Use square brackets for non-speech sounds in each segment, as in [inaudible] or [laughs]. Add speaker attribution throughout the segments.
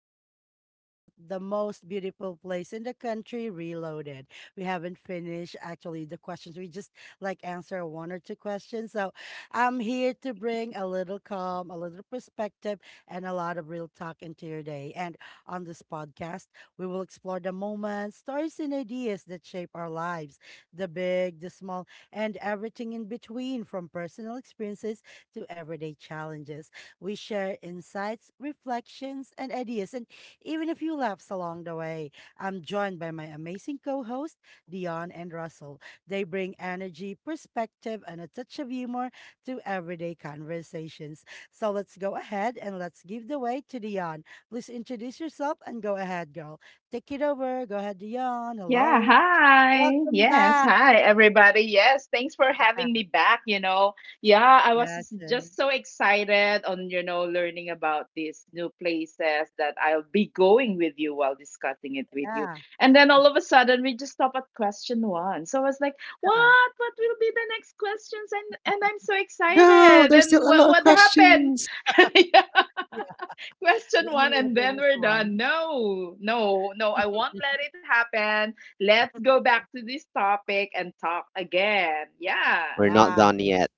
Speaker 1: Our topic is about the most beautiful place in the country, Reloaded. We haven't finished actually the questions. We just answer one or two questions. So I'm here to bring a little calm, a little perspective, and a lot of real talk into your day. And on this podcast, we will explore the moments, stories, and ideas that shape our lives, the big, the small, and everything in between, from personal experiences to everyday challenges. We share insights, reflections, and ideas, and even a few laughs along the way. I'm joined by my amazing co hosts, Dion and Russell. They bring energy, perspective, and a touch of humor to everyday conversations. So let's go ahead and let's give the way to Dion. Please introduce yourself and go ahead, girl. Take it over. Go ahead, Dion.
Speaker 2: Yeah,
Speaker 1: Hello.
Speaker 2: hi.
Speaker 1: Welcome
Speaker 2: Yes,
Speaker 1: back.
Speaker 2: hi everybody. Yes, thanks for having me back.
Speaker 1: Yeah, sure.
Speaker 2: Just so excited on, learning about these new places that I'll be going with you while discussing it with you.
Speaker 1: Yeah.
Speaker 2: And then all of a sudden we just stop at question 1. So I was like, "What? What will be the next questions?" And I'm so
Speaker 3: No,
Speaker 2: excited.
Speaker 3: there's
Speaker 2: And
Speaker 3: still a
Speaker 2: what
Speaker 3: lot of
Speaker 2: what happened?
Speaker 3: questions.
Speaker 2: [laughs]
Speaker 1: Yeah.
Speaker 2: Question
Speaker 1: We
Speaker 2: one
Speaker 1: only
Speaker 2: and then
Speaker 1: finished
Speaker 2: we're done.
Speaker 1: one.
Speaker 2: No, no, no, I won't
Speaker 1: [laughs]
Speaker 2: let it happen. Let's go back to this topic and talk again. Yeah.
Speaker 3: We're not
Speaker 1: Yeah,
Speaker 3: done yet.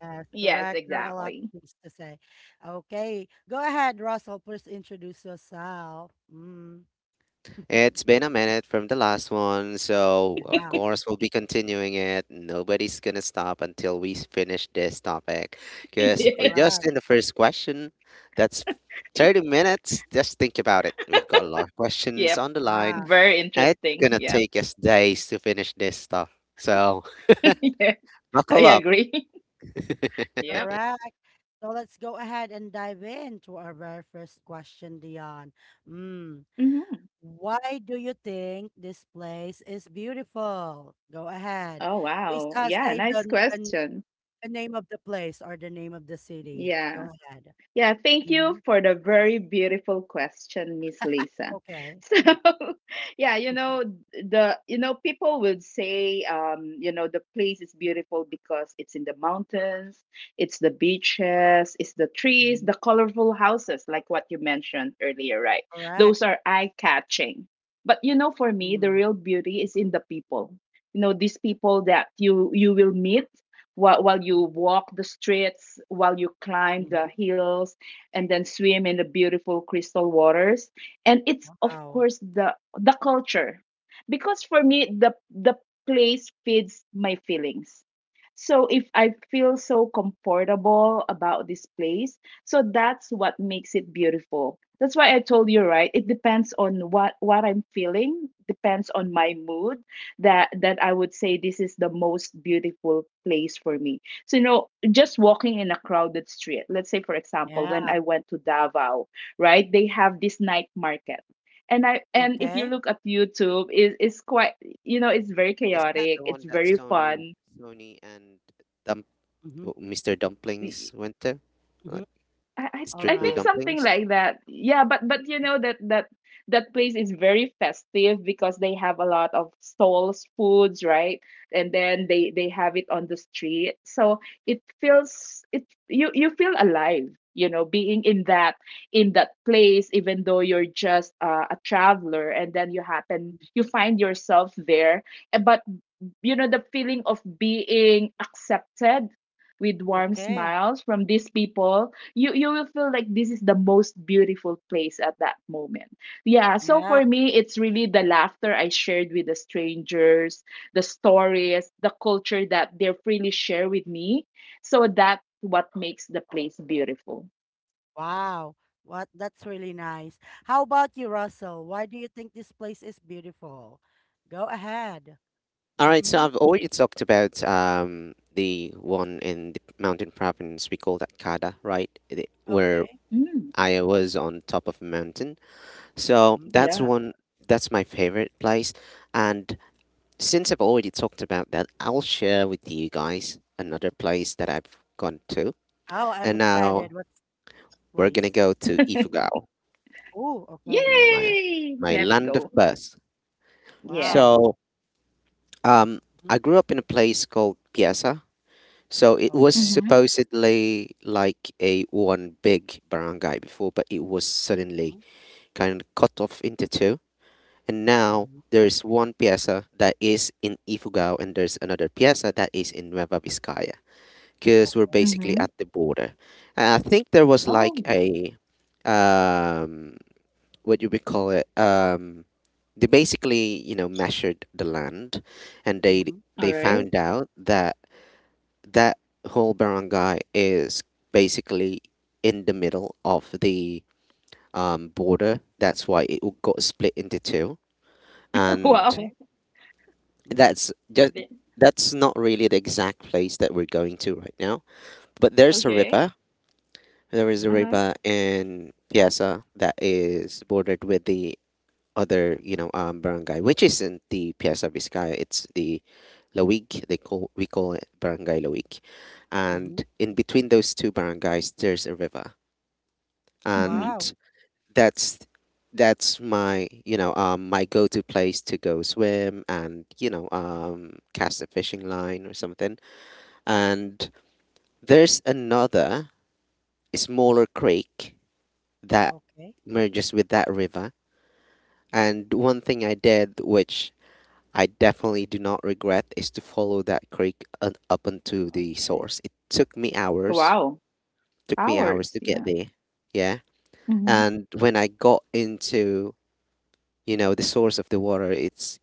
Speaker 1: yes,
Speaker 2: Yes,
Speaker 1: correct. There are a lot of
Speaker 2: exactly.
Speaker 1: things to say. Okay, go ahead, Russell. Please introduce yourself. Mm. [laughs]
Speaker 3: It's been a minute from the last one, so of
Speaker 1: Yeah,
Speaker 3: course we'll be continuing it. Nobody's gonna stop until finish this topic,
Speaker 2: [laughs]
Speaker 3: because we're
Speaker 2: Yes.
Speaker 3: just
Speaker 1: correct.
Speaker 3: in the first question. That's 30 minutes. Just think about it. We've got a lot of questions
Speaker 2: Yep.
Speaker 3: on the line,
Speaker 1: Yeah,
Speaker 2: Very
Speaker 3: and it's
Speaker 2: interesting.
Speaker 3: gonna
Speaker 2: Yep.
Speaker 3: take us days to finish this stuff. So
Speaker 2: [laughs] Yeah,
Speaker 3: [laughs]
Speaker 2: I
Speaker 3: buckle up.
Speaker 2: agree. [laughs] Yep.
Speaker 1: correct. So let's go ahead and dive into our very first question, Dion. Mm.
Speaker 2: Hmm.
Speaker 1: Why do you think this place is beautiful? Go ahead.
Speaker 2: Oh,
Speaker 1: Please
Speaker 2: wow. Yeah.
Speaker 1: say
Speaker 2: Nice
Speaker 1: the, the,
Speaker 2: question.
Speaker 1: the name of the place or the name of the city.
Speaker 2: Yeah.
Speaker 1: Go ahead.
Speaker 2: Yeah, thank you
Speaker 1: Hmm.
Speaker 2: for the very beautiful question, Miss Lisa. [laughs]
Speaker 1: Okay.
Speaker 2: So, yeah, you know,
Speaker 1: [laughs]
Speaker 2: the people would say the place is beautiful because it's in the mountains, it's the beaches, it's the trees, the colorful houses like what you mentioned earlier, right?
Speaker 1: Correct.
Speaker 2: Those are eye-catching. But you know, for me,
Speaker 1: Mm,
Speaker 2: the real beauty is in the people. You know, these people that you will meet while you walk the streets, while you climb
Speaker 1: mhm.
Speaker 2: the hills, and then swim in the beautiful crystal waters. And it's of
Speaker 1: Wow.
Speaker 2: course the culture, because for me the place feeds my feelings. So if I feel so comfortable about this place, so that's what makes it beautiful. That's why I told you right. It depends on what I'm feeling, depends on my mood, that I would say this is the most beautiful place for me. So you know, just walking in a crowded street. Let's say for example, when
Speaker 1: Yeah.
Speaker 2: I went to Davao, right? They have this night market. And if you
Speaker 1: Okay.
Speaker 2: look at YouTube, is it's quite you know, it's very
Speaker 3: Is that
Speaker 2: chaotic,
Speaker 3: the
Speaker 2: it's
Speaker 3: one that
Speaker 2: very
Speaker 3: Sony,
Speaker 2: fun.
Speaker 3: Sony and Dump,
Speaker 1: Mhm,
Speaker 3: Mr. Dumplings went to?
Speaker 1: mhm.
Speaker 2: I, I I
Speaker 3: Strictly
Speaker 2: think
Speaker 1: Alright.
Speaker 2: something
Speaker 3: dumplings.
Speaker 2: like that. Yeah, but you know that place is very festive because they have a lot of stalls, foods, right? And then they have it on the street. So it feels it you feel alive, you know, being in that place even though you're just a traveler and then you
Speaker 1: Mhm.
Speaker 2: find yourself there. But you know the feeling of being accepted with warm
Speaker 1: Okay.
Speaker 2: smiles from these people you will feel like this is the most beautiful place at that moment. Yeah, so
Speaker 1: Yeah.
Speaker 2: for me it's really the laughter I shared with the strangers, the stories, the culture that they freely share with me, so that's what makes the place beautiful.
Speaker 1: Wow. What, that's really nice. How about you, Russell? Why do you think this place is beautiful? Go ahead.
Speaker 3: All right, so
Speaker 1: Mhm.
Speaker 3: I've already talked about the one in the mountain province. We call that Kada, right? Where
Speaker 1: Okay.
Speaker 2: Mm,
Speaker 3: I was on top of a mountain. So
Speaker 1: Mhm.
Speaker 3: that's
Speaker 2: yeah.
Speaker 3: one. That's my favorite place. And since I've already talked about that, I'll share with you guys another place that I've gone to.
Speaker 1: Oh, I'm
Speaker 3: And
Speaker 1: excited.
Speaker 3: now
Speaker 1: What's the
Speaker 3: we're gonna
Speaker 1: place?
Speaker 3: go to
Speaker 2: [laughs]
Speaker 3: Ifugao,
Speaker 1: Oh, okay. Go
Speaker 3: my
Speaker 1: ahead.
Speaker 2: Yay,
Speaker 3: my
Speaker 2: let's
Speaker 3: land
Speaker 2: go.
Speaker 3: of birth.
Speaker 2: Yes.
Speaker 1: Wow.
Speaker 3: So um,
Speaker 1: Mhm.
Speaker 3: I grew up in a place called Piasa. So it was
Speaker 1: Okay.
Speaker 2: Mm-hmm,
Speaker 3: supposedly like a one big barangay before, but it was suddenly
Speaker 1: Mhm,
Speaker 3: kind of cut off into two. And now
Speaker 1: mhm.
Speaker 3: there's one piazza that is in Ifugao, and there's another piazza that is in Nueva Vizcaya, because we're
Speaker 1: Okay.
Speaker 2: mm-hmm.
Speaker 3: basically at the border. And I think there was
Speaker 2: Oh.
Speaker 3: like a um, what do we call it? They basically, you know, measured the land, and they
Speaker 1: Mhm.
Speaker 2: All
Speaker 3: they
Speaker 2: right.
Speaker 3: found out that that whole barangay is basically in the middle of the border. That's why got split into two,
Speaker 2: [laughs]
Speaker 3: and
Speaker 2: Wow.
Speaker 1: Okay.
Speaker 3: that's just that's not really the exact place that we're going to right now. But there's a
Speaker 2: Okay.
Speaker 3: river. There is a
Speaker 2: Uh,
Speaker 1: Mhm,
Speaker 3: river in Piazza that is bordered with the other, you know, barangay, which isn't the Piazza Vizcaya. It's the Lawig. They call we call it Barangay Lawig, and
Speaker 1: mhm.
Speaker 3: in between those two barangays, there's a river,
Speaker 2: mhm.
Speaker 1: Wow.
Speaker 3: and that's that's my you know my go-to place to go swim and you know
Speaker 1: Mm-hmm.
Speaker 3: cast a fishing line or something. And there's another smaller creek that
Speaker 1: Okay,
Speaker 3: merges with that river. And one thing I did, which I definitely do not regret is to follow that creek up unto the
Speaker 1: okay.
Speaker 3: source. It
Speaker 2: Wow.
Speaker 3: took me hours
Speaker 2: Hours.
Speaker 3: to get
Speaker 2: Yeah.
Speaker 3: there. Yeah.
Speaker 2: Mhm.
Speaker 3: And when I got into, you know, the source of the water, it's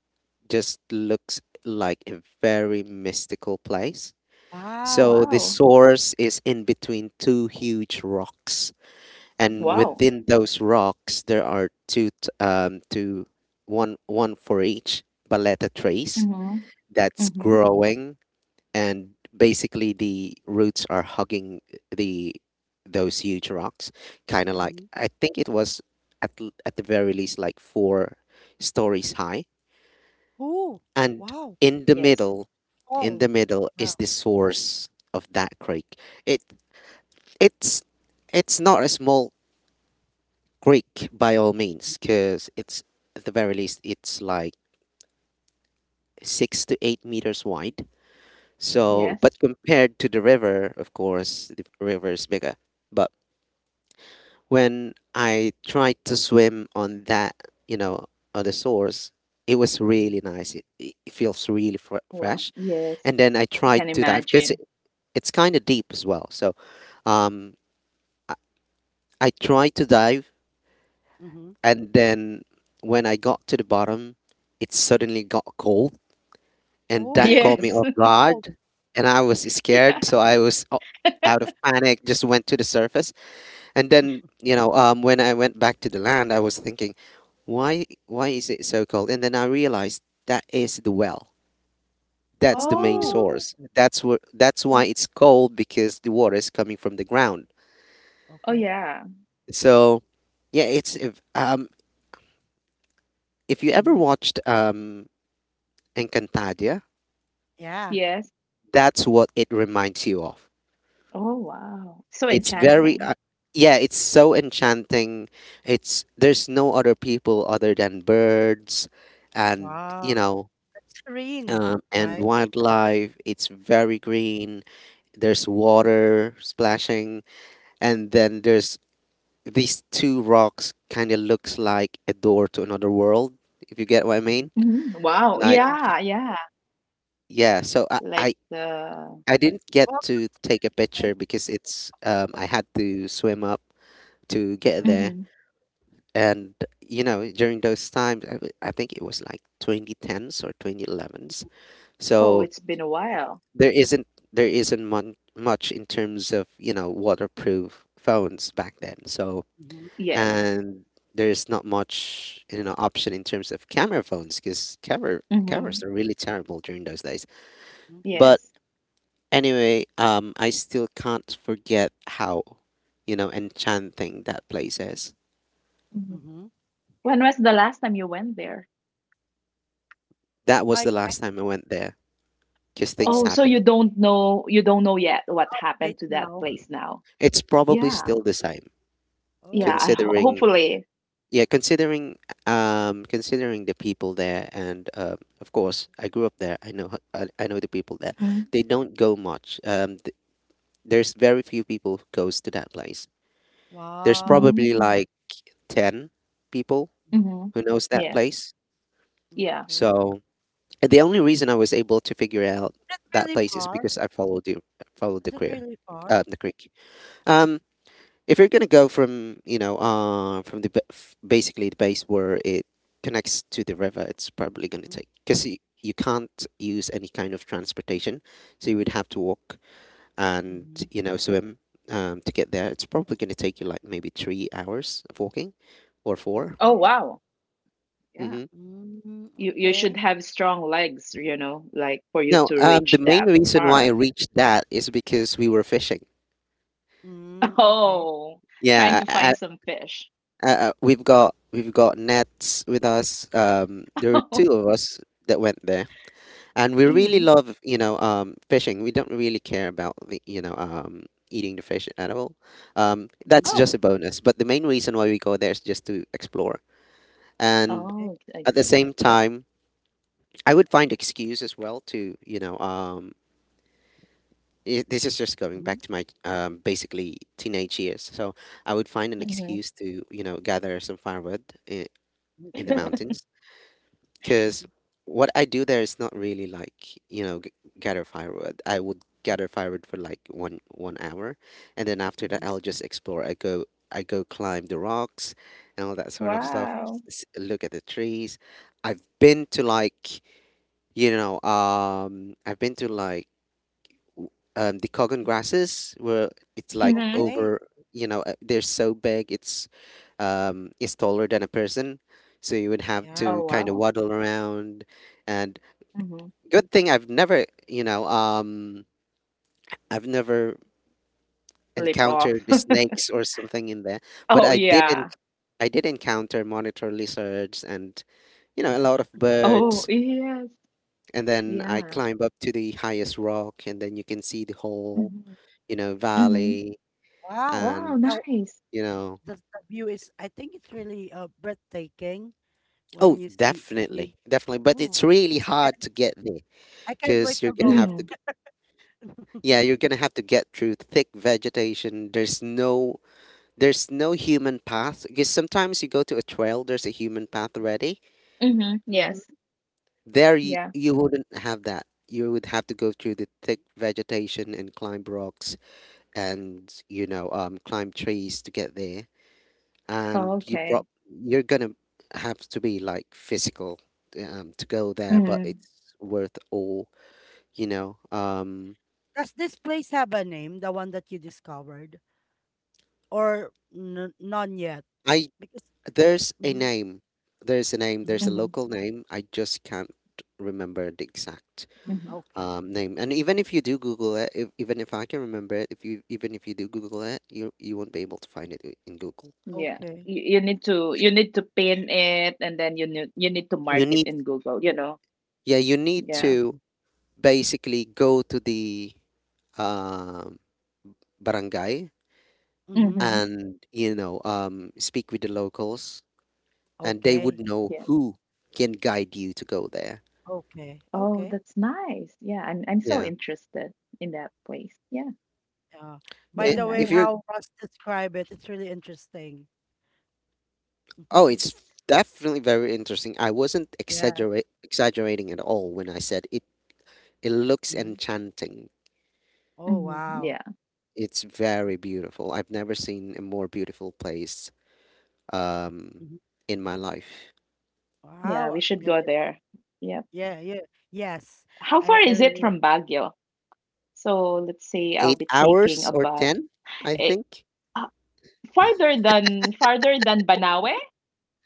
Speaker 3: just looks like a very mystical place.
Speaker 1: Wow.
Speaker 3: So the
Speaker 2: Wow.
Speaker 3: source is in between two huge rocks, and
Speaker 1: Mm,
Speaker 2: Wow.
Speaker 3: within those rocks there are two, one for each baleta trees
Speaker 2: Mhm.
Speaker 3: that's
Speaker 1: mhm,
Speaker 2: Mhm.
Speaker 3: growing, and basically the roots are hugging the those huge rocks, kind of like,
Speaker 1: mhm.
Speaker 3: I think it was at, at the very least, like four stories high.
Speaker 1: Ooh,
Speaker 3: And
Speaker 1: wow.
Speaker 3: in the
Speaker 2: Yes.
Speaker 3: middle in
Speaker 1: Oh,
Speaker 3: the middle
Speaker 1: yeah.
Speaker 3: is the source of that creek. It it's it's not a small creek by all means, because it's, at the very least, it's like 6 to 8 meters wide.
Speaker 1: Mhm,
Speaker 3: So
Speaker 2: Yes.
Speaker 3: but compared to the river, of course, the river is bigger. But when I tried to swim on that, you know, on the source, it was really
Speaker 1: mhm,
Speaker 3: nice. It feels really
Speaker 2: Wow.
Speaker 3: fresh.
Speaker 2: Yes.
Speaker 3: And then I tried
Speaker 2: Can
Speaker 3: to dive because
Speaker 2: imagine.
Speaker 3: it's kind of deep as well. So um, I tried to dive,
Speaker 1: mhm.
Speaker 3: and then when I got to the bottom, it suddenly got cold, and
Speaker 2: [laughs]
Speaker 3: that
Speaker 1: Oh,
Speaker 3: caught
Speaker 2: Yes.
Speaker 3: me off
Speaker 2: [laughs]
Speaker 1: oh,
Speaker 3: guard. And I was
Speaker 2: Yeah.
Speaker 3: scared, so I was out of panic, just went to the surface. And then,
Speaker 1: [laughs]
Speaker 3: you know, when I went back to the land, I was thinking, why is it so cold? And then I realized that is the well. That's the main
Speaker 1: oh.
Speaker 2: Oh.
Speaker 3: source. That's why
Speaker 2: Oh,
Speaker 3: it's cold, because the water is coming from the ground.
Speaker 2: oh
Speaker 1: Okay.
Speaker 2: yeah.
Speaker 3: So, yeah, it's, if you ever
Speaker 1: Mhm.
Speaker 3: watched Encantadia,
Speaker 1: Yeah.
Speaker 2: Yes.
Speaker 3: that's what it reminds you of.
Speaker 2: Oh wow. So
Speaker 3: It's
Speaker 1: Okay.
Speaker 3: very
Speaker 2: enchanting.
Speaker 3: yeah, it's so enchanting. It's there's no other people other than birds and
Speaker 1: Wow.
Speaker 3: you know
Speaker 1: That's serene,
Speaker 3: and
Speaker 1: right?
Speaker 3: wildlife. It's very green. There's
Speaker 1: Mm,
Speaker 3: water splashing, and then there's these two rocks. Kind of looks like a door to another world. If you get what I
Speaker 1: mhm.
Speaker 3: mean,
Speaker 2: Mhm. Wow.
Speaker 3: like
Speaker 1: Yeah.
Speaker 2: Yeah, yeah.
Speaker 3: yeah. So
Speaker 2: Like the.
Speaker 3: I didn't get
Speaker 1: Welcome.
Speaker 3: to take a
Speaker 1: Thank
Speaker 3: picture
Speaker 1: you.
Speaker 3: because it's I had to swim up to get
Speaker 1: Correct.
Speaker 3: there.
Speaker 2: Mhm.
Speaker 3: And you know, during those times, I think it was like 2010s or 2011s.
Speaker 2: Oh,
Speaker 3: So
Speaker 2: it's been a while.
Speaker 3: there isn't there isn't much in terms of you know waterproof phones back then. So
Speaker 1: Mhm,
Speaker 2: Yes.
Speaker 3: and there's not much, you know, option in terms of camera phones, because cameras
Speaker 2: Mhm.
Speaker 3: are really terrible during those days.
Speaker 1: mhm,
Speaker 3: But
Speaker 2: Yes.
Speaker 3: anyway, I still can't forget how, you know, enchanting that place is.
Speaker 2: Mhm.
Speaker 1: mhm.
Speaker 2: When was the last time you went there?
Speaker 3: That was
Speaker 1: I
Speaker 3: the
Speaker 1: thank.
Speaker 3: last time I went there, because things
Speaker 1: Oh,
Speaker 2: Oh, so
Speaker 1: okay.
Speaker 3: happened.
Speaker 2: you don't know yet
Speaker 1: What's
Speaker 2: what
Speaker 1: the update
Speaker 2: happened to that
Speaker 1: now?
Speaker 2: place now.
Speaker 3: It's probably
Speaker 2: Yeah.
Speaker 3: still the same
Speaker 2: Yeah,
Speaker 1: Oh,
Speaker 2: I ho
Speaker 3: considering,
Speaker 2: hopefully.
Speaker 3: yeah, considering, considering the people there, and of course I grew up there. I know I I know the people there.
Speaker 2: Mhm.
Speaker 3: They don't go much there's very few people who goes to that place. There's
Speaker 1: wow.
Speaker 3: probably
Speaker 2: Mm.
Speaker 3: like 10 people
Speaker 2: Mhm.
Speaker 3: who knows that
Speaker 2: Yes.
Speaker 3: place.
Speaker 1: Mm,
Speaker 2: Yeah.
Speaker 1: okay.
Speaker 3: So and the only reason I was able to figure out
Speaker 1: Is it
Speaker 3: that
Speaker 1: really
Speaker 3: place is
Speaker 1: far?
Speaker 3: because I followed
Speaker 1: Is
Speaker 3: the
Speaker 1: it
Speaker 3: career,
Speaker 1: really far?
Speaker 3: the creek. um if you're gonna go from you know from the basically the base where it connects to the river, it's probably gonna take, because you can't use any kind of transportation, so you would have to walk and
Speaker 1: Mhm.
Speaker 3: you know swim to get there. It's probably gonna take you like maybe 3 hours of walking, or 4.
Speaker 2: Oh,
Speaker 1: Okay.
Speaker 2: wow. Yeah.
Speaker 3: Mm-hmm.
Speaker 1: Mm,
Speaker 2: You should
Speaker 1: okay.
Speaker 2: have strong legs, you know, like for you
Speaker 3: No,
Speaker 2: to
Speaker 3: the
Speaker 2: reach
Speaker 3: main
Speaker 2: that
Speaker 3: reason why I
Speaker 2: far.
Speaker 3: reached that is because we were fishing.
Speaker 1: Mm,
Speaker 2: [laughs]
Speaker 1: okay.
Speaker 2: Oh, trying
Speaker 3: Yeah,
Speaker 2: to find some fish.
Speaker 3: I, we've got nets with us. There
Speaker 2: [laughs]
Speaker 3: were
Speaker 2: Oh.
Speaker 3: two of us that went there, and we
Speaker 1: Mhm,
Speaker 3: really
Speaker 2: Mhm.
Speaker 3: love you know fishing. We don't really care about the you know eating the fish at all.
Speaker 1: mhm,
Speaker 3: That's just
Speaker 2: Oh.
Speaker 3: a bonus. But the main reason why we go there is just to explore, and
Speaker 1: okay.
Speaker 2: Oh, I
Speaker 3: at the
Speaker 2: see.
Speaker 3: same time, I would find excuse as well to you know. This is just going back
Speaker 1: Mhm,
Speaker 3: to my basically teenage years. So I would find an
Speaker 2: Mhm.
Speaker 3: excuse to, you know, gather some firewood in, in the
Speaker 1: okay.
Speaker 2: [laughs]
Speaker 3: mountains, because
Speaker 1: Mhm,
Speaker 3: what I do there is not really like you know gather firewood. I would gather firewood for like one hour, and then after that
Speaker 1: mhm,
Speaker 3: I'll just explore. I go climb the rocks and all that sort of stuff.
Speaker 1: okay.
Speaker 2: Wow.
Speaker 3: Look at the trees. I've been to like you know I've been to like the Kogan grasses were it's like
Speaker 2: Mhm.
Speaker 1: Okay.
Speaker 3: over, you know, they're so big, it's taller than a person. So you would have to
Speaker 1: Yeah.
Speaker 2: Oh,
Speaker 3: kind of
Speaker 2: wow.
Speaker 3: waddle around. And
Speaker 2: Mhm.
Speaker 3: good thing I've never, you know, I've never
Speaker 2: Flip
Speaker 3: encountered
Speaker 2: off.
Speaker 3: the
Speaker 2: [laughs]
Speaker 3: snakes or something in there, but
Speaker 2: Oh, yeah.
Speaker 3: I did encounter monitor lizards and, you know, a lot of
Speaker 2: Oh,
Speaker 3: birds.
Speaker 2: yeah.
Speaker 3: And then I
Speaker 2: Yeah.
Speaker 3: climb up to the highest rock, and then you can see the whole,
Speaker 2: Mhm.
Speaker 3: you know,
Speaker 2: Mhm.
Speaker 3: valley.
Speaker 1: Wow.
Speaker 2: Wow,
Speaker 3: And
Speaker 1: How
Speaker 2: nice.
Speaker 3: you know,
Speaker 1: the, view is, I think it's really breathtaking
Speaker 3: oh,
Speaker 1: when you see you.
Speaker 3: definitely, definitely, but
Speaker 1: Ooh,
Speaker 3: it's really
Speaker 1: I can't,
Speaker 3: hard to get there
Speaker 1: I can't wait
Speaker 3: because you're
Speaker 1: to
Speaker 3: gonna
Speaker 1: go.
Speaker 3: have to
Speaker 2: Mhm.
Speaker 1: [laughs]
Speaker 3: yeah, you're gonna have to get through thick vegetation. There's no there's no human path, because sometimes you go to a trail, there's a human path already
Speaker 2: Mhm. Yes.
Speaker 1: Mhm.
Speaker 3: there.
Speaker 2: Yeah.
Speaker 3: You wouldn't have that. You would have to go through the thick vegetation and climb rocks and you know climb trees to get there.
Speaker 2: Oh,
Speaker 3: And
Speaker 2: okay.
Speaker 3: you're gonna have to be like physical to go there, but
Speaker 2: Mhm.
Speaker 3: it's worth all, you know.
Speaker 1: Does this place have a name, the one that you discovered, or none yet?
Speaker 3: I
Speaker 1: Because
Speaker 3: there's a
Speaker 1: mhm,
Speaker 3: name, there's a name, there's
Speaker 1: mhm,
Speaker 3: a
Speaker 2: Mhm.
Speaker 3: local name. I just can't remember the exact
Speaker 1: mm,
Speaker 2: Mhm.
Speaker 1: okay,
Speaker 3: name. And even if you do Google it, if, even if I can remember it, if you even if you do Google it, you won't be able to find it in Google.
Speaker 2: Yeah.
Speaker 1: okay,
Speaker 2: You need to
Speaker 3: Y-
Speaker 2: you need to pin it and then you need to
Speaker 3: You
Speaker 2: mark it
Speaker 3: need
Speaker 2: in Google, you know.
Speaker 3: yeah, you need
Speaker 2: Yeah.
Speaker 3: to basically go to the um, barangay,
Speaker 1: mm-hmm,
Speaker 2: Mhm.
Speaker 3: and you know speak with the locals, and they would
Speaker 1: okay,
Speaker 3: know
Speaker 2: Yeah.
Speaker 3: who can guide you to go there.
Speaker 1: okay,
Speaker 2: Oh,
Speaker 1: okay.
Speaker 2: that's nice. Yeah, I'm so
Speaker 3: Yeah.
Speaker 2: interested in that place. Yeah.
Speaker 1: Yeah. By
Speaker 3: I-
Speaker 2: Yeah,
Speaker 1: the way,
Speaker 3: if
Speaker 2: nice.
Speaker 3: you're
Speaker 1: how Russ describe it, it's really interesting.
Speaker 3: oh, it's
Speaker 1: [laughs]
Speaker 3: definitely very interesting. I wasn't
Speaker 1: Yes.
Speaker 3: exaggerating at all when I said it. It looks
Speaker 1: Hmm.
Speaker 3: enchanting.
Speaker 1: Oh,
Speaker 2: Mhm.
Speaker 1: wow.
Speaker 2: Yeah.
Speaker 3: It's very beautiful. I've never seen a more beautiful place, um,
Speaker 1: Hmm.
Speaker 3: in my life.
Speaker 2: Yeah,
Speaker 1: Wow. I
Speaker 2: we should
Speaker 1: can't
Speaker 2: go
Speaker 1: ev-
Speaker 2: there. Yeah.
Speaker 1: Yeah, yeah. Yes.
Speaker 2: How far
Speaker 1: I
Speaker 2: is it
Speaker 1: really
Speaker 2: from Baguio? So, let's say I'll
Speaker 3: eight
Speaker 2: be taking a
Speaker 3: hours or
Speaker 2: bus.
Speaker 3: ten, I
Speaker 2: Eh,
Speaker 3: think.
Speaker 2: Farther than Banawe.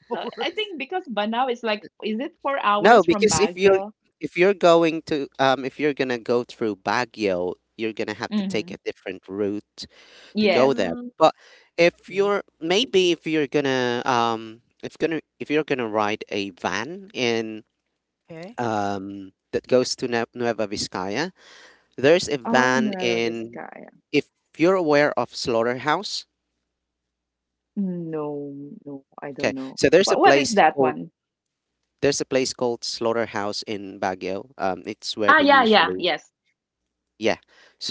Speaker 1: [laughs]
Speaker 2: So I
Speaker 1: worse.
Speaker 2: think because Banawe is like, is it four
Speaker 3: No,
Speaker 2: hours from
Speaker 3: because
Speaker 2: Baguio?
Speaker 3: if you're going to if you're gonna go through Baguio, you're gonna have to take
Speaker 2: Hmm.
Speaker 3: a different route to go
Speaker 2: Yes.
Speaker 3: there.
Speaker 1: Mm,
Speaker 3: But if
Speaker 1: okay.
Speaker 3: you're maybe if you're gonna if you're gonna ride a van in
Speaker 1: Okay.
Speaker 3: that goes to Nueva Vizcaya, there's a
Speaker 2: Oh,
Speaker 3: van
Speaker 2: Nueva
Speaker 3: in,
Speaker 2: Vizcaya.
Speaker 3: if you're aware of Slaughterhouse.
Speaker 2: No, no, I don't
Speaker 3: Okay,
Speaker 2: know.
Speaker 3: so there's a
Speaker 2: What is
Speaker 3: place
Speaker 2: that
Speaker 3: called
Speaker 2: one?
Speaker 3: there's a place called Slaughterhouse in Baguio. It's where they
Speaker 2: Yeah, yeah,
Speaker 3: usually
Speaker 2: yes,
Speaker 3: Yeah.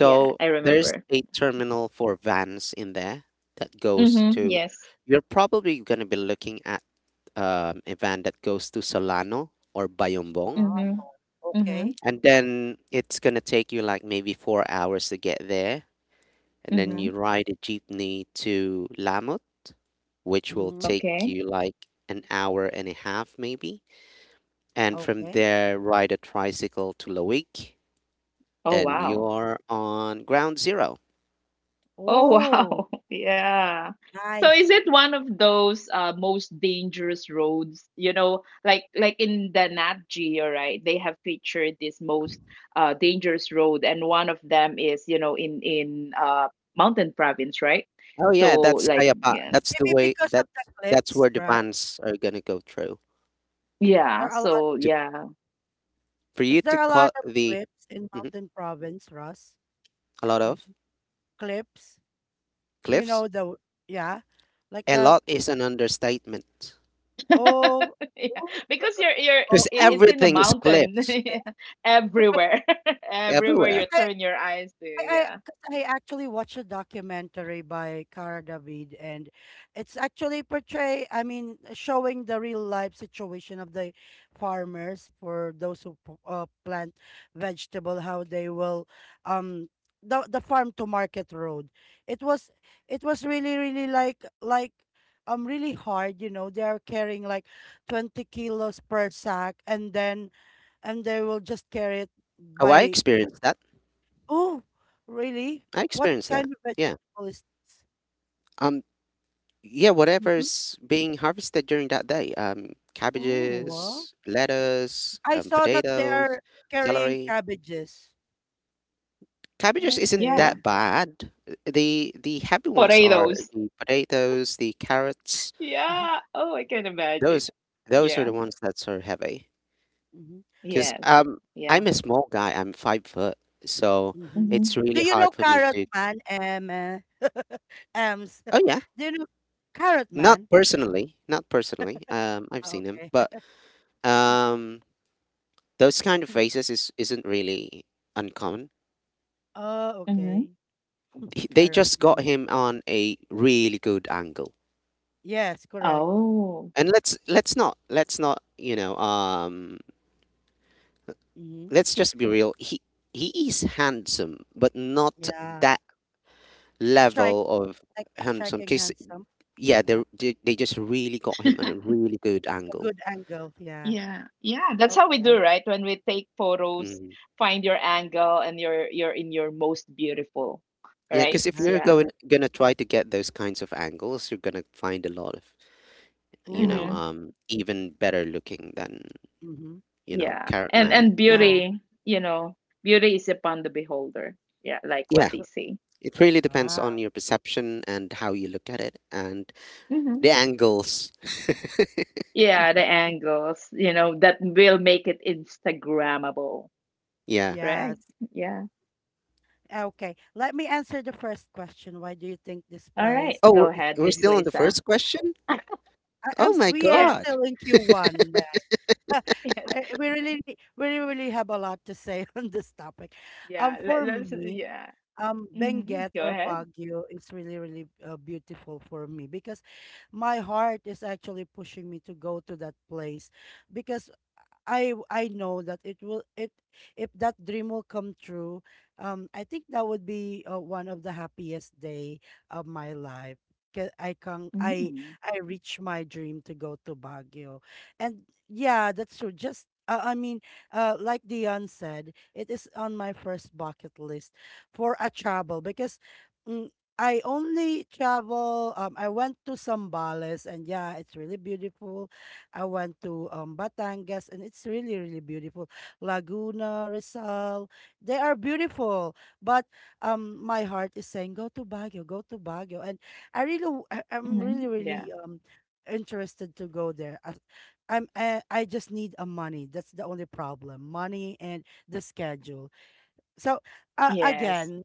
Speaker 2: yeah, I
Speaker 3: there's
Speaker 2: remember.
Speaker 3: a terminal for vans in there that
Speaker 2: Mm-hmm. Yes.
Speaker 3: you're probably going to be looking at a van that goes to Solano or
Speaker 1: It's a
Speaker 3: Bayombong.
Speaker 1: lot.
Speaker 2: Mm-hmm. Mm-hmm.
Speaker 1: Okay.
Speaker 3: And then it's going to take you like maybe 4 hours to get there. And then
Speaker 2: Mm-hmm.
Speaker 3: you ride a jeepney to Lamot, which will
Speaker 1: Mm-hmm.
Speaker 3: take
Speaker 2: Okay.
Speaker 3: you like an hour and a half maybe. And from
Speaker 1: Okay.
Speaker 3: there, ride a tricycle to Lawig,
Speaker 2: Oh,
Speaker 3: and
Speaker 1: Mm-hmm.
Speaker 2: wow.
Speaker 3: you're on ground zero.
Speaker 2: Oh
Speaker 1: Oh,
Speaker 2: wow. [laughs] Yeah. So is
Speaker 1: nice.
Speaker 2: it one of those most dangerous roads? You know, like in the Nat Geo, right? They have featured this most dangerous road, and one of them is you know in Mountain Province, right?
Speaker 3: Oh yeah,
Speaker 2: So
Speaker 3: that's
Speaker 2: like
Speaker 3: Kayapa.
Speaker 2: yeah,
Speaker 3: That's the
Speaker 1: Maybe
Speaker 3: way.
Speaker 1: because of the
Speaker 3: That's
Speaker 1: cliffs,
Speaker 3: where the
Speaker 1: right?
Speaker 3: vans are gonna go through.
Speaker 2: yeah.
Speaker 1: There are a lot,
Speaker 2: So
Speaker 3: To
Speaker 2: yeah,
Speaker 3: for you
Speaker 1: is
Speaker 3: to
Speaker 1: there a lot
Speaker 3: cut
Speaker 1: of
Speaker 3: the
Speaker 1: cliffs in
Speaker 3: Mhm.
Speaker 1: Mountain Province, Russ?
Speaker 3: A lot
Speaker 1: Hmm.
Speaker 3: of
Speaker 1: Cliffs? You
Speaker 3: cliffs.
Speaker 1: know the, yeah, like
Speaker 3: A
Speaker 1: the,
Speaker 3: lot is an understatement
Speaker 1: oh,
Speaker 2: [laughs] yeah.
Speaker 1: oh,
Speaker 2: Because you're it,
Speaker 3: because
Speaker 1: oh,
Speaker 2: it's in the
Speaker 3: everything is
Speaker 2: mountain. [laughs]
Speaker 3: cliffs
Speaker 2: Yeah. Everywhere, [laughs] everywhere
Speaker 1: oh.
Speaker 2: you
Speaker 3: everywhere.
Speaker 2: turn your eyes to. Yeah,
Speaker 1: 'Cause I actually watched a documentary by Cara David, and it's actually portray, showing the real life situation of the farmers, for those who plant vegetable, how they will, um, the farm to market road. It was it was really really like um, really hard, you know. They are carrying like 20 kilos per sack, and then and they will just carry it.
Speaker 3: Oh, I
Speaker 1: By.
Speaker 3: experienced that.
Speaker 1: Oh, really?
Speaker 3: I
Speaker 1: What
Speaker 3: experienced that.
Speaker 1: kind of
Speaker 3: Yeah.
Speaker 1: vegetable is this?
Speaker 3: Um. Yeah,
Speaker 1: Mhm.
Speaker 3: whatever's being harvested during that day.
Speaker 1: Oh, wow.
Speaker 3: Cabbages, lettuce,
Speaker 1: I saw that they
Speaker 3: potatoes,
Speaker 1: are carrying
Speaker 3: celery.
Speaker 1: cabbages.
Speaker 3: Cabbages isn't
Speaker 1: Okay.
Speaker 2: yeah.
Speaker 3: that bad. The happy ones are
Speaker 2: Potatoes.
Speaker 3: the potatoes, the carrots.
Speaker 1: Mhm,
Speaker 2: Yeah. Oh, I can imagine.
Speaker 3: Those those are
Speaker 2: Yeah.
Speaker 3: the ones that are heavy.
Speaker 1: mhm,
Speaker 3: Cause
Speaker 2: Yes.
Speaker 3: um
Speaker 2: Yeah.
Speaker 3: I'm a small guy. I'm 5 foot, so
Speaker 1: mhm.
Speaker 3: it's
Speaker 2: Hmm.
Speaker 1: Do
Speaker 3: really
Speaker 1: you know
Speaker 3: hard for me
Speaker 1: Carrot
Speaker 3: to.
Speaker 1: Man, Ems?
Speaker 3: Oh yeah,
Speaker 1: [laughs] Do you know Carrot
Speaker 3: not
Speaker 1: Man?
Speaker 3: personally, not personally. I've
Speaker 1: Ah,
Speaker 3: seen them,
Speaker 1: okay.
Speaker 3: but um,
Speaker 1: [laughs]
Speaker 3: those kind of faces is isn't really uncommon.
Speaker 1: Oh,
Speaker 2: Hmm.
Speaker 1: okay. [laughs]
Speaker 3: They
Speaker 1: Carrot
Speaker 3: just got
Speaker 1: Man.
Speaker 3: him on a really good angle.
Speaker 1: Yes, correct.
Speaker 2: Oh.
Speaker 3: And let's not you know
Speaker 1: Hmm.
Speaker 3: let's just be real. He is handsome, but not
Speaker 1: Yeah.
Speaker 3: that
Speaker 1: Strike,
Speaker 3: level of
Speaker 1: like
Speaker 3: handsome.
Speaker 1: striking
Speaker 3: Cause
Speaker 1: handsome.
Speaker 3: yeah,
Speaker 1: Yeah.
Speaker 3: they just really got him on a really good
Speaker 1: A
Speaker 3: angle.
Speaker 1: good angle. Yeah.
Speaker 2: Yeah. Yeah. That's how we do,
Speaker 1: Okay.
Speaker 2: right? When we take photos,
Speaker 3: Mm.
Speaker 2: find your angle and you're in your most beautiful.
Speaker 3: Yeah,
Speaker 2: Right?
Speaker 3: because if
Speaker 1: Yeah,
Speaker 3: you're
Speaker 2: Yeah.
Speaker 3: going
Speaker 1: correct.
Speaker 3: gonna try to get those kinds of angles, you're gonna find a lot of
Speaker 2: Hmm.
Speaker 1: Ooh.
Speaker 3: even better looking than
Speaker 1: Mm-hmm.
Speaker 2: Yeah.
Speaker 3: Carrot
Speaker 2: And
Speaker 3: Man in there.
Speaker 1: Yeah.
Speaker 2: beauty, you know, beauty is upon the beholder. Yeah, like what
Speaker 3: Yeah,
Speaker 2: they say.
Speaker 3: it really depends on
Speaker 1: Wow.
Speaker 3: your perception and how you look at it and
Speaker 2: Hmm.
Speaker 3: the angles. [laughs]
Speaker 2: Yeah, the angles, you know, that will make it Instagrammable.
Speaker 3: Yeah.
Speaker 2: Right.
Speaker 1: Yes.
Speaker 2: Yeah.
Speaker 1: Okay. Let me answer the first question. Why do you think this
Speaker 2: All right.
Speaker 1: place
Speaker 3: Oh, we're
Speaker 2: Go
Speaker 1: is
Speaker 2: ahead,
Speaker 3: we're
Speaker 1: beautiful?
Speaker 2: Miss
Speaker 3: still on the
Speaker 2: Lisa.
Speaker 3: first question. Oh my
Speaker 1: We are
Speaker 2: Yes,
Speaker 3: God.
Speaker 1: still in Q1, right? [laughs]
Speaker 2: [laughs] yes.
Speaker 1: We really, we really have a lot to say [laughs] on this topic.
Speaker 2: Yeah,
Speaker 1: For me,
Speaker 2: yeah. Hmm.
Speaker 1: Benguet
Speaker 2: Go
Speaker 1: or
Speaker 2: ahead.
Speaker 1: Baguio is really, really beautiful for me because my heart is actually pushing me to go to that place because I know that it will it if that dream will come true, I think that would be one of the happiest day of my life. 'Cause I can
Speaker 2: Mm.
Speaker 1: I reach my dream to go to Baguio, and yeah, that's true. Just like Dion said, it is on my first bucket list for a travel because. Mm, I only travel. I went to Sambales, and yeah, it's really beautiful. I went to Batangas, and it's really, really beautiful. Laguna, Rizal, they are beautiful. But my heart is saying, go to Baguio, and I really, I'm
Speaker 2: Hmm.
Speaker 1: really,
Speaker 2: Yeah.
Speaker 1: really interested to go there. I just need a money. That's the only problem, money and the schedule. So
Speaker 2: Yes.
Speaker 1: again,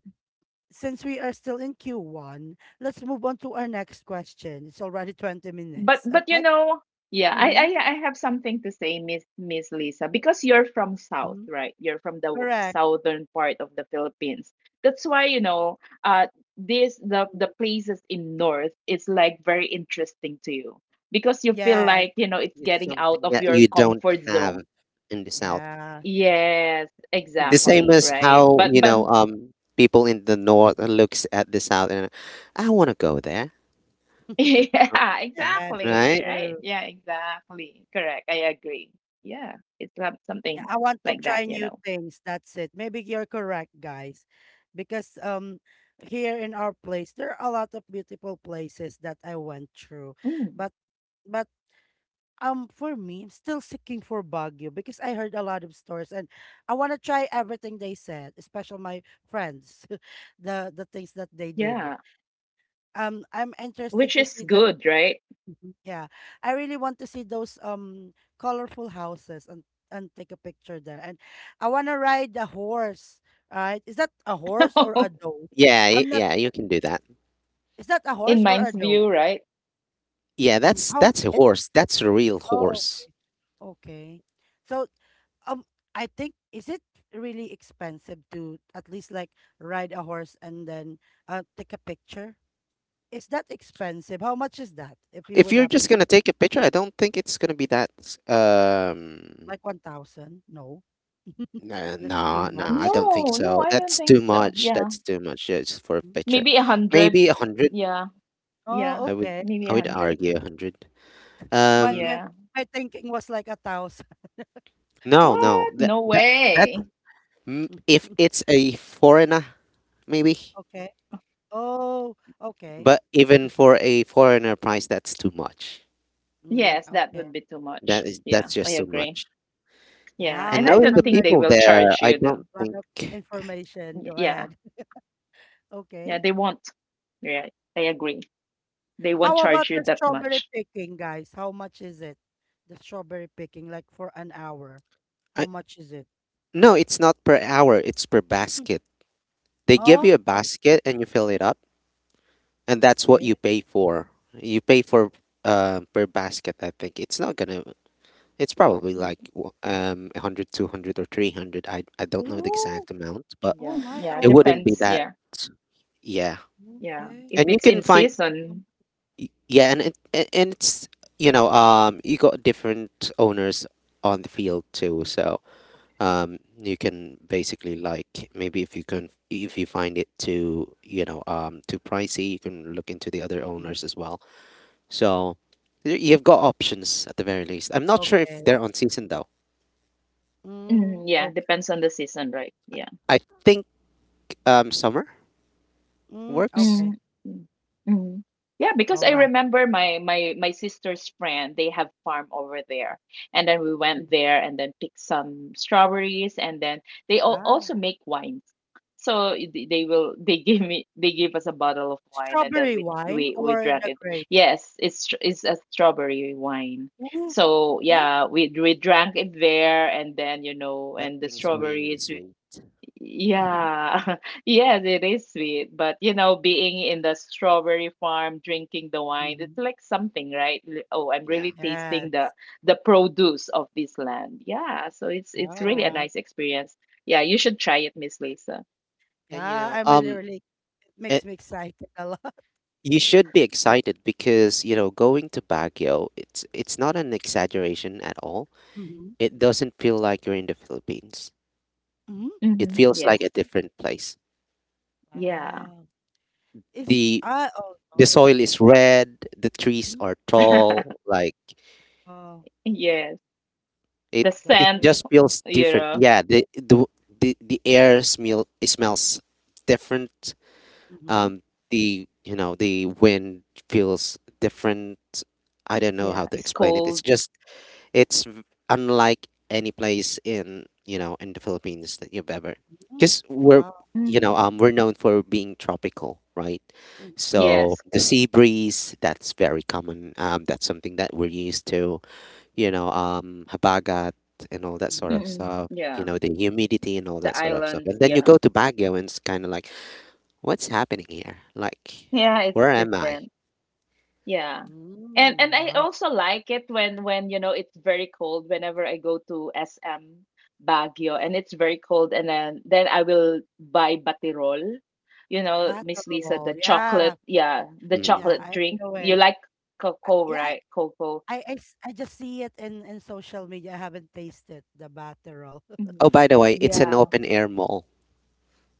Speaker 1: since we are still in Q1, let's move on to our next question. It's already 20 minutes.
Speaker 2: But you
Speaker 1: Okay.
Speaker 2: know, yeah, I,
Speaker 1: Mm-hmm.
Speaker 2: I I have something to say, Miss Lisa, because you're from South,
Speaker 1: Mm-hmm.
Speaker 2: right? You're from the
Speaker 1: Correct.
Speaker 2: southern part of the Philippines. That's why you know, uh, this the places in North is like very interesting to you because you feel
Speaker 1: Yes.
Speaker 2: like you know
Speaker 3: It-
Speaker 2: it's
Speaker 3: It's
Speaker 2: getting out
Speaker 3: something
Speaker 2: of
Speaker 3: that
Speaker 2: your
Speaker 3: you don't
Speaker 2: comfort
Speaker 3: have
Speaker 2: zone.
Speaker 3: in the South.
Speaker 1: Yeah.
Speaker 2: Yes,
Speaker 3: The same
Speaker 2: exactly,
Speaker 3: as
Speaker 2: right?
Speaker 3: how
Speaker 2: But
Speaker 3: people in the North looks at the South and I want to go there.
Speaker 2: [laughs]
Speaker 3: Uh,
Speaker 2: yeah,
Speaker 1: Yes, that's
Speaker 3: right?
Speaker 2: exactly, right?
Speaker 1: true.
Speaker 2: Yeah, exactly. Correct. I agree. Yeah, it's not
Speaker 1: Yeah,
Speaker 2: something
Speaker 1: I want to
Speaker 2: like
Speaker 1: try
Speaker 2: that, you
Speaker 1: new
Speaker 2: know.
Speaker 1: things. That's it. Maybe you're correct, guys. Because um, here in our place there are a lot of beautiful places that I went through.
Speaker 2: Mm,
Speaker 1: But but um, for me, I'm still seeking for Baguio because I heard a lot of stories and I want to try everything they said, especially my friends, [laughs] the things that they did.
Speaker 2: yeah,
Speaker 1: Um, I'm interested
Speaker 2: which
Speaker 1: to
Speaker 2: is
Speaker 1: see that.
Speaker 2: good, right?
Speaker 1: Mhm. Yeah, I really want to see those um, colorful houses and take a picture there. And I want to ride a horse. Right? Is that a horse or a
Speaker 2: [laughs]
Speaker 1: doe?
Speaker 3: Yeah,
Speaker 1: I'm not.
Speaker 3: yeah, you can do that.
Speaker 1: Is that a
Speaker 2: In
Speaker 1: horse or a
Speaker 2: mind's
Speaker 1: doe?
Speaker 2: view, right?
Speaker 3: Yeah,
Speaker 1: How?
Speaker 3: that's a
Speaker 2: It's
Speaker 3: horse. That's a real
Speaker 1: Oh, oh,
Speaker 3: horse.
Speaker 1: okay. So um, I think, is it really expensive to at least like ride a horse and then uh, take a picture? Is that expensive? How much is that? If you
Speaker 3: If
Speaker 1: would
Speaker 3: you're just
Speaker 1: happen
Speaker 3: gonna
Speaker 1: to,
Speaker 3: take a picture, I don't think it's gonna be that. Um,
Speaker 1: like, 1,000? No,
Speaker 3: no,
Speaker 1: that's too
Speaker 3: no, no, I
Speaker 1: much.
Speaker 3: don't think
Speaker 2: no, No,
Speaker 3: so.
Speaker 2: I don't
Speaker 3: That's
Speaker 2: think
Speaker 3: too
Speaker 2: so.
Speaker 3: much.
Speaker 2: Yeah,
Speaker 3: That's too much, yeah, just for a picture.
Speaker 2: maybe a hundred.
Speaker 3: Maybe a hundred.
Speaker 2: Yeah, yeah,
Speaker 1: Oh,
Speaker 3: I would
Speaker 1: okay.
Speaker 2: maybe
Speaker 3: I
Speaker 2: a
Speaker 3: would
Speaker 2: hundred.
Speaker 3: argue a hundred.
Speaker 1: My
Speaker 3: Um,
Speaker 1: my
Speaker 2: Yeah.
Speaker 1: my thinking was like 1,000.
Speaker 3: no, no,
Speaker 2: What? No
Speaker 3: that
Speaker 2: way.
Speaker 3: if
Speaker 1: [laughs]
Speaker 3: it's a foreigner, maybe.
Speaker 1: Okay. Oh, okay.
Speaker 3: But even for a foreigner price, that's too much.
Speaker 1: Mm,
Speaker 2: Yes, that would be
Speaker 1: okay.
Speaker 2: too much. Yeah,
Speaker 3: That's
Speaker 2: I
Speaker 3: just too
Speaker 2: agree.
Speaker 3: much.
Speaker 2: Yeah,
Speaker 1: Now
Speaker 3: And
Speaker 2: and I
Speaker 1: I
Speaker 3: knowing
Speaker 2: don't
Speaker 3: the
Speaker 1: I'm
Speaker 2: think
Speaker 1: learning
Speaker 2: they
Speaker 3: people
Speaker 2: will
Speaker 3: there,
Speaker 2: charge
Speaker 3: I
Speaker 2: you though.
Speaker 3: don't
Speaker 1: again. A lot of
Speaker 3: think
Speaker 1: information. Go
Speaker 2: Yeah,
Speaker 1: ahead. [laughs]
Speaker 2: yeah,
Speaker 1: Okay.
Speaker 2: they won't. Yeah, I agree. They won't
Speaker 1: How
Speaker 2: charge
Speaker 1: about
Speaker 2: you
Speaker 1: the
Speaker 2: that
Speaker 1: strawberry
Speaker 2: much.
Speaker 1: picking, guys? How much is it? The strawberry picking, like for an hour.
Speaker 3: I
Speaker 1: How much is it?
Speaker 3: no, it's not per hour. It's per
Speaker 1: Mm,
Speaker 3: basket. They give
Speaker 1: oh,
Speaker 3: you a basket and you fill it up, and that's what you
Speaker 1: okay.
Speaker 3: pay for. You pay for per basket. I think it's not gonna. It's probably
Speaker 1: Mm.
Speaker 3: like 100, 200 or 300. I don't know the
Speaker 1: Oh,
Speaker 3: exact amount, but
Speaker 1: oh
Speaker 2: Yeah,
Speaker 1: my.
Speaker 2: yeah,
Speaker 3: it
Speaker 1: Oh,
Speaker 3: wouldn't be
Speaker 2: depends.
Speaker 3: that.
Speaker 2: Yeah,
Speaker 3: Yeah.
Speaker 2: yeah.
Speaker 1: okay.
Speaker 2: If
Speaker 3: And you
Speaker 2: it's in
Speaker 3: can find
Speaker 1: Mm,
Speaker 2: season,
Speaker 3: yeah, and it's you got different owners on the field too.
Speaker 1: mm,
Speaker 3: So,
Speaker 1: okay.
Speaker 3: you can basically like maybe if you find it too, too pricey, you can look into the other
Speaker 1: Mhm.
Speaker 3: owners as well. So, you've got options at the very least. I'm not sure if
Speaker 1: Okay.
Speaker 3: they're on season though.
Speaker 2: [clears throat]
Speaker 1: Mm,
Speaker 2: mm, yeah,
Speaker 1: okay.
Speaker 2: depends on the season, right? Yeah.
Speaker 3: I think summer
Speaker 1: Mm,
Speaker 3: works.
Speaker 1: okay.
Speaker 2: Mm, mm, mm. Yeah, because
Speaker 1: All
Speaker 2: I
Speaker 1: right.
Speaker 2: remember my sister's friend, they have farm over there. And then we
Speaker 1: Mm,
Speaker 2: went there and then picked some strawberries and then
Speaker 1: wow.
Speaker 2: also make wines. So they will [laughs] they gave us a bottle of wine and then
Speaker 1: Strawberry
Speaker 2: we
Speaker 1: wine
Speaker 2: we
Speaker 1: or
Speaker 2: drank
Speaker 1: the
Speaker 2: it.
Speaker 1: grape?
Speaker 2: Yes, it's a strawberry wine.
Speaker 1: Ooh,
Speaker 2: So
Speaker 1: okay.
Speaker 2: yeah, we drank it there and then you know
Speaker 3: That
Speaker 2: and the
Speaker 3: thing is really
Speaker 2: strawberries.
Speaker 3: sweet.
Speaker 1: Mhm,
Speaker 2: Yeah, [laughs] yes, it is sweet, but you know, being in the strawberry farm, drinking the wine,
Speaker 1: mhm.
Speaker 2: it's like something, right? Oh, I'm
Speaker 3: Yeah.
Speaker 2: really tasting
Speaker 1: Yes.
Speaker 2: the produce of this land. Yeah, so it's
Speaker 3: And
Speaker 1: Oh,
Speaker 2: really a
Speaker 1: wow.
Speaker 2: nice experience. Yeah, you should try it, Miss Lisa.
Speaker 3: and
Speaker 1: Yeah, I'm really, really, it makes
Speaker 3: it,
Speaker 1: me excited a lot. [laughs]
Speaker 3: you
Speaker 1: Okay.
Speaker 3: should be excited because, you know, going to Baguio, it's not an exaggeration at all.
Speaker 1: Mm-hmm.
Speaker 3: It doesn't feel like you're in the Philippines.
Speaker 1: Mm-hmm.
Speaker 3: It
Speaker 2: Mm-hmm.
Speaker 3: feels
Speaker 1: Wow.
Speaker 3: like
Speaker 2: Yes.
Speaker 3: a different place.
Speaker 2: Yeah.
Speaker 1: Wow. Is
Speaker 3: The
Speaker 1: I oh no.
Speaker 3: the
Speaker 1: It,
Speaker 3: soil is red, the trees
Speaker 1: mm,
Speaker 3: are
Speaker 2: [laughs]
Speaker 3: tall, like
Speaker 1: oh,
Speaker 2: Yes.
Speaker 3: it
Speaker 2: The
Speaker 3: it
Speaker 1: that's
Speaker 2: scent,
Speaker 1: right.
Speaker 3: just feels
Speaker 2: you
Speaker 3: different.
Speaker 2: know.
Speaker 3: Yeah, the air smell, it smells different.
Speaker 1: Mm-hmm.
Speaker 3: um the the wind feels different. I don't know how
Speaker 2: Yeah,
Speaker 3: to
Speaker 2: it's
Speaker 3: explain it. It's
Speaker 2: cold.
Speaker 3: just it's unlike any place in in the Philippines that you've ever,
Speaker 1: Mm-hmm.
Speaker 3: because
Speaker 1: Wow.
Speaker 2: Hmm.
Speaker 3: we're known for being tropical, right? So
Speaker 2: Yes.
Speaker 3: the sea breeze, that's very common, that's something that we're used to, habagat and all that sort
Speaker 1: Mm-hmm.
Speaker 3: of
Speaker 2: Mm.
Speaker 3: stuff,
Speaker 2: Yeah.
Speaker 3: the humidity and all that
Speaker 2: The
Speaker 3: sort of stuff,
Speaker 2: islands.
Speaker 3: and then you
Speaker 2: Yeah.
Speaker 3: go to Baguio and it's kind of like, what's happening here? Like,
Speaker 2: Yeah, it's
Speaker 3: where am I?
Speaker 2: different. Yeah.
Speaker 1: Mm,
Speaker 2: And I
Speaker 1: wow.
Speaker 2: also like it when you know it's very cold whenever I go to SM Baguio and it's very cold and then I will buy batirol. You know,
Speaker 1: Battle
Speaker 2: Miss Lisa,
Speaker 1: roll.
Speaker 2: the chocolate,
Speaker 1: Yeah.
Speaker 2: yeah, the
Speaker 3: Mm.
Speaker 1: Yeah,
Speaker 2: chocolate
Speaker 1: I
Speaker 2: drink.
Speaker 1: know
Speaker 2: You
Speaker 1: it.
Speaker 2: like cocoa,
Speaker 1: Yeah,
Speaker 2: right? Cocoa.
Speaker 1: I just see it in social media. I haven't tasted the baterol. [laughs]
Speaker 2: Mhm.
Speaker 3: Oh, by the way, it's an
Speaker 2: Yeah.
Speaker 3: open air mall.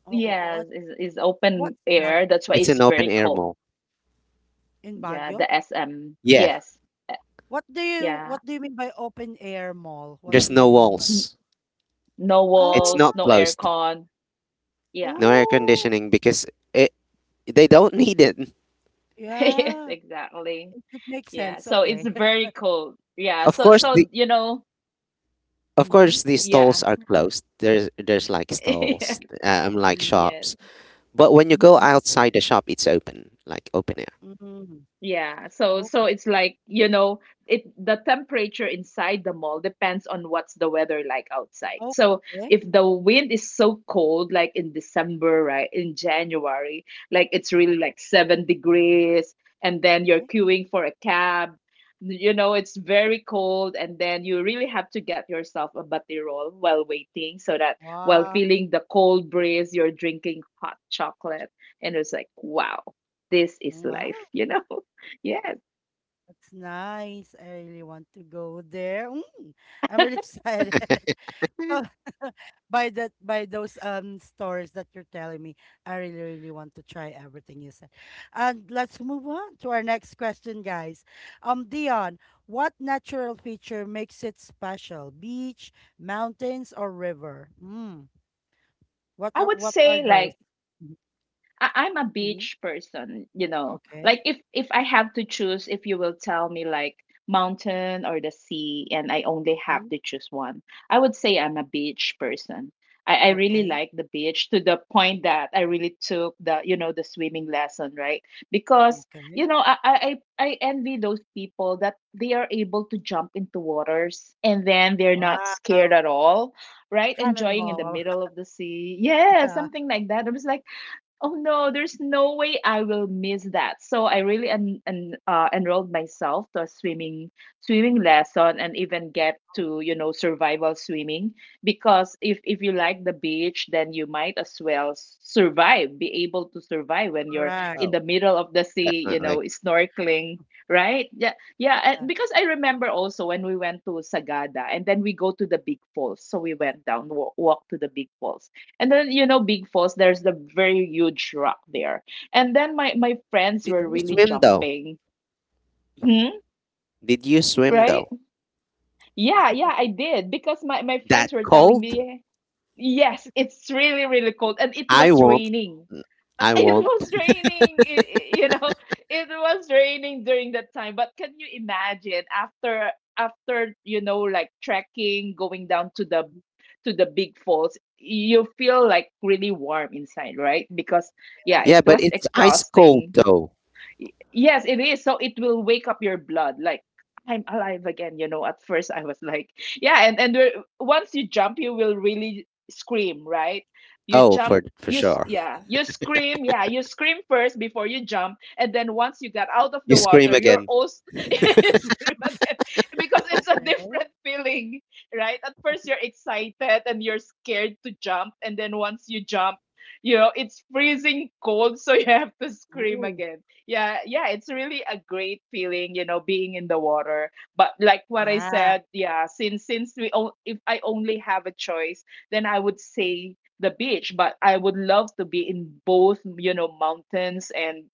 Speaker 1: Oh, oh,
Speaker 2: Yes, is
Speaker 1: what's
Speaker 2: open
Speaker 1: that
Speaker 2: air. That's why
Speaker 3: It's
Speaker 2: it's
Speaker 3: an open
Speaker 2: very
Speaker 3: air
Speaker 2: cold.
Speaker 3: mall.
Speaker 1: in
Speaker 2: Yeah,
Speaker 1: Baguio?
Speaker 2: the SM.
Speaker 3: Yeah,
Speaker 2: Yes. Uh, yeah.
Speaker 1: What do you mean by open air mall? What
Speaker 3: there's
Speaker 1: do
Speaker 3: no
Speaker 1: you mean by,
Speaker 2: N-
Speaker 3: walls.
Speaker 2: No
Speaker 3: It's
Speaker 2: walls,
Speaker 1: oh,
Speaker 3: not
Speaker 2: no
Speaker 3: closed.
Speaker 2: aircon. Yeah.
Speaker 3: No air
Speaker 1: oh,
Speaker 3: conditioning because it, they don't need it.
Speaker 2: [laughs] Yes,
Speaker 1: yeah.
Speaker 2: exactly.
Speaker 1: It makes
Speaker 2: Yeah,
Speaker 1: sense.
Speaker 2: so it's
Speaker 1: Okay. [laughs]
Speaker 2: very cold. Yeah,
Speaker 3: Of
Speaker 2: so
Speaker 3: course, the
Speaker 2: so you know,
Speaker 3: of
Speaker 1: Mm-hmm.
Speaker 3: course the
Speaker 2: yeah,
Speaker 3: stalls are closed. There's like
Speaker 2: [laughs] yeah,
Speaker 3: stalls, like
Speaker 1: Mm-hmm.
Speaker 3: shops. But when you go
Speaker 2: yes.
Speaker 3: outside the shop, it's open, like open air.
Speaker 1: Mm-hmm.
Speaker 2: Yeah, so so
Speaker 1: Okay.
Speaker 2: it's like, you know, it the temperature inside the mall depends on what's the weather like outside. So
Speaker 1: Okay.
Speaker 2: if the wind is so cold, like in December, right, in January, like it's really like 7 degrees, and then you're
Speaker 1: Okay.
Speaker 2: queuing for a cab, you know, it's very cold, and then you really have to get yourself a batirol while waiting, so that while
Speaker 1: Wow.
Speaker 2: feeling the cold breeze, you're drinking hot chocolate, and it's like, wow, this is life,
Speaker 1: Wow.
Speaker 2: [laughs] you know? Yes.
Speaker 1: That's nice. I really want to go there. Mm, I'm really [laughs] excited.
Speaker 3: [laughs]
Speaker 1: So [laughs] by that, by those um, stories that you're telling me, I really really want to try everything you said. And let's move on to our next question, guys. Dion, what natural feature makes it special? Beach, mountains, or river? Mm.
Speaker 2: I would
Speaker 1: What are
Speaker 2: say
Speaker 1: those?
Speaker 2: like
Speaker 1: Mm-hmm.
Speaker 2: I'm a
Speaker 1: Mm-hmm.
Speaker 2: beach person, you know. Like
Speaker 1: Okay.
Speaker 2: if I have to choose, if you will tell me like mountain or the sea, and I only have
Speaker 1: Mm,
Speaker 2: to choose one, I would say I'm a beach person. I really
Speaker 1: okay.
Speaker 2: like the beach to the point that I really took the you know the swimming lesson, right? Because you
Speaker 1: Okay.
Speaker 2: know I envy those people that they are able to jump into waters and then they're not scared
Speaker 1: Wow.
Speaker 2: at all, right? Enjoying in the
Speaker 1: Cannonball.
Speaker 2: middle of the sea.
Speaker 1: [laughs]
Speaker 2: Yeah,
Speaker 1: Yeah.
Speaker 2: something like that. It was like oh no, there's no way I will miss that. So I really enrolled myself to a swimming lesson and even get to survival swimming because if you like the beach, then you might as well survive, be able to survive when you're
Speaker 1: Correct.
Speaker 2: in
Speaker 3: Oh,
Speaker 2: the middle of the sea, you
Speaker 3: definitely.
Speaker 2: know, snorkeling. Right? Yeah, yeah. And
Speaker 1: Yeah.
Speaker 2: because I remember also when we went to Sagada, and then we go to the big falls. So we went down, walk to the big falls. And then, you know, Big Falls, there's the very huge rock there. And then my friends
Speaker 3: Did
Speaker 2: were
Speaker 3: you
Speaker 2: really
Speaker 3: swim
Speaker 2: jumped.
Speaker 3: though?
Speaker 2: Hmm?
Speaker 3: Did you swim though?
Speaker 2: Yeah, yeah, I did. Because my
Speaker 3: That
Speaker 2: friends were telling
Speaker 3: cold?
Speaker 2: me, yes, it's really, really cold. And it
Speaker 3: I
Speaker 2: was raining. [laughs]
Speaker 3: won't. I
Speaker 2: It
Speaker 3: won't.
Speaker 2: was, i- i- you know, it was raining during that time. But can you imagine after, you know, like trekking, going down to to the Big Falls, you feel like really warm inside, right? Because, yeah, it
Speaker 3: Yeah, but
Speaker 2: was
Speaker 3: it's ice cold
Speaker 2: exhausting.
Speaker 3: though.
Speaker 2: Yes, it is. So it will wake up your blood. Like I'm alive again. You know, at first I was like, yeah, and once you jump, you will really scream, right? You
Speaker 3: Oh,
Speaker 2: jump.
Speaker 3: for sure.
Speaker 2: Yeah, you scream first before you jump, and then once you got out of
Speaker 3: You
Speaker 2: the water,
Speaker 3: scream
Speaker 2: you're
Speaker 3: again.
Speaker 2: also [laughs] you
Speaker 1: [laughs]
Speaker 2: scream again because it's a
Speaker 1: Okay.
Speaker 2: different feeling, right? At first you're excited and you're scared to jump, and then once you jump, you know it's freezing cold [laughs] so you have to scream
Speaker 1: Ooh.
Speaker 2: again. Yeah, yeah, it's really a great feeling, you know, being in the water. But like what I
Speaker 1: Yeah.
Speaker 2: said, yeah, since if I only have a choice, then I would say the beach, but I would love to be in both, you know, mountains and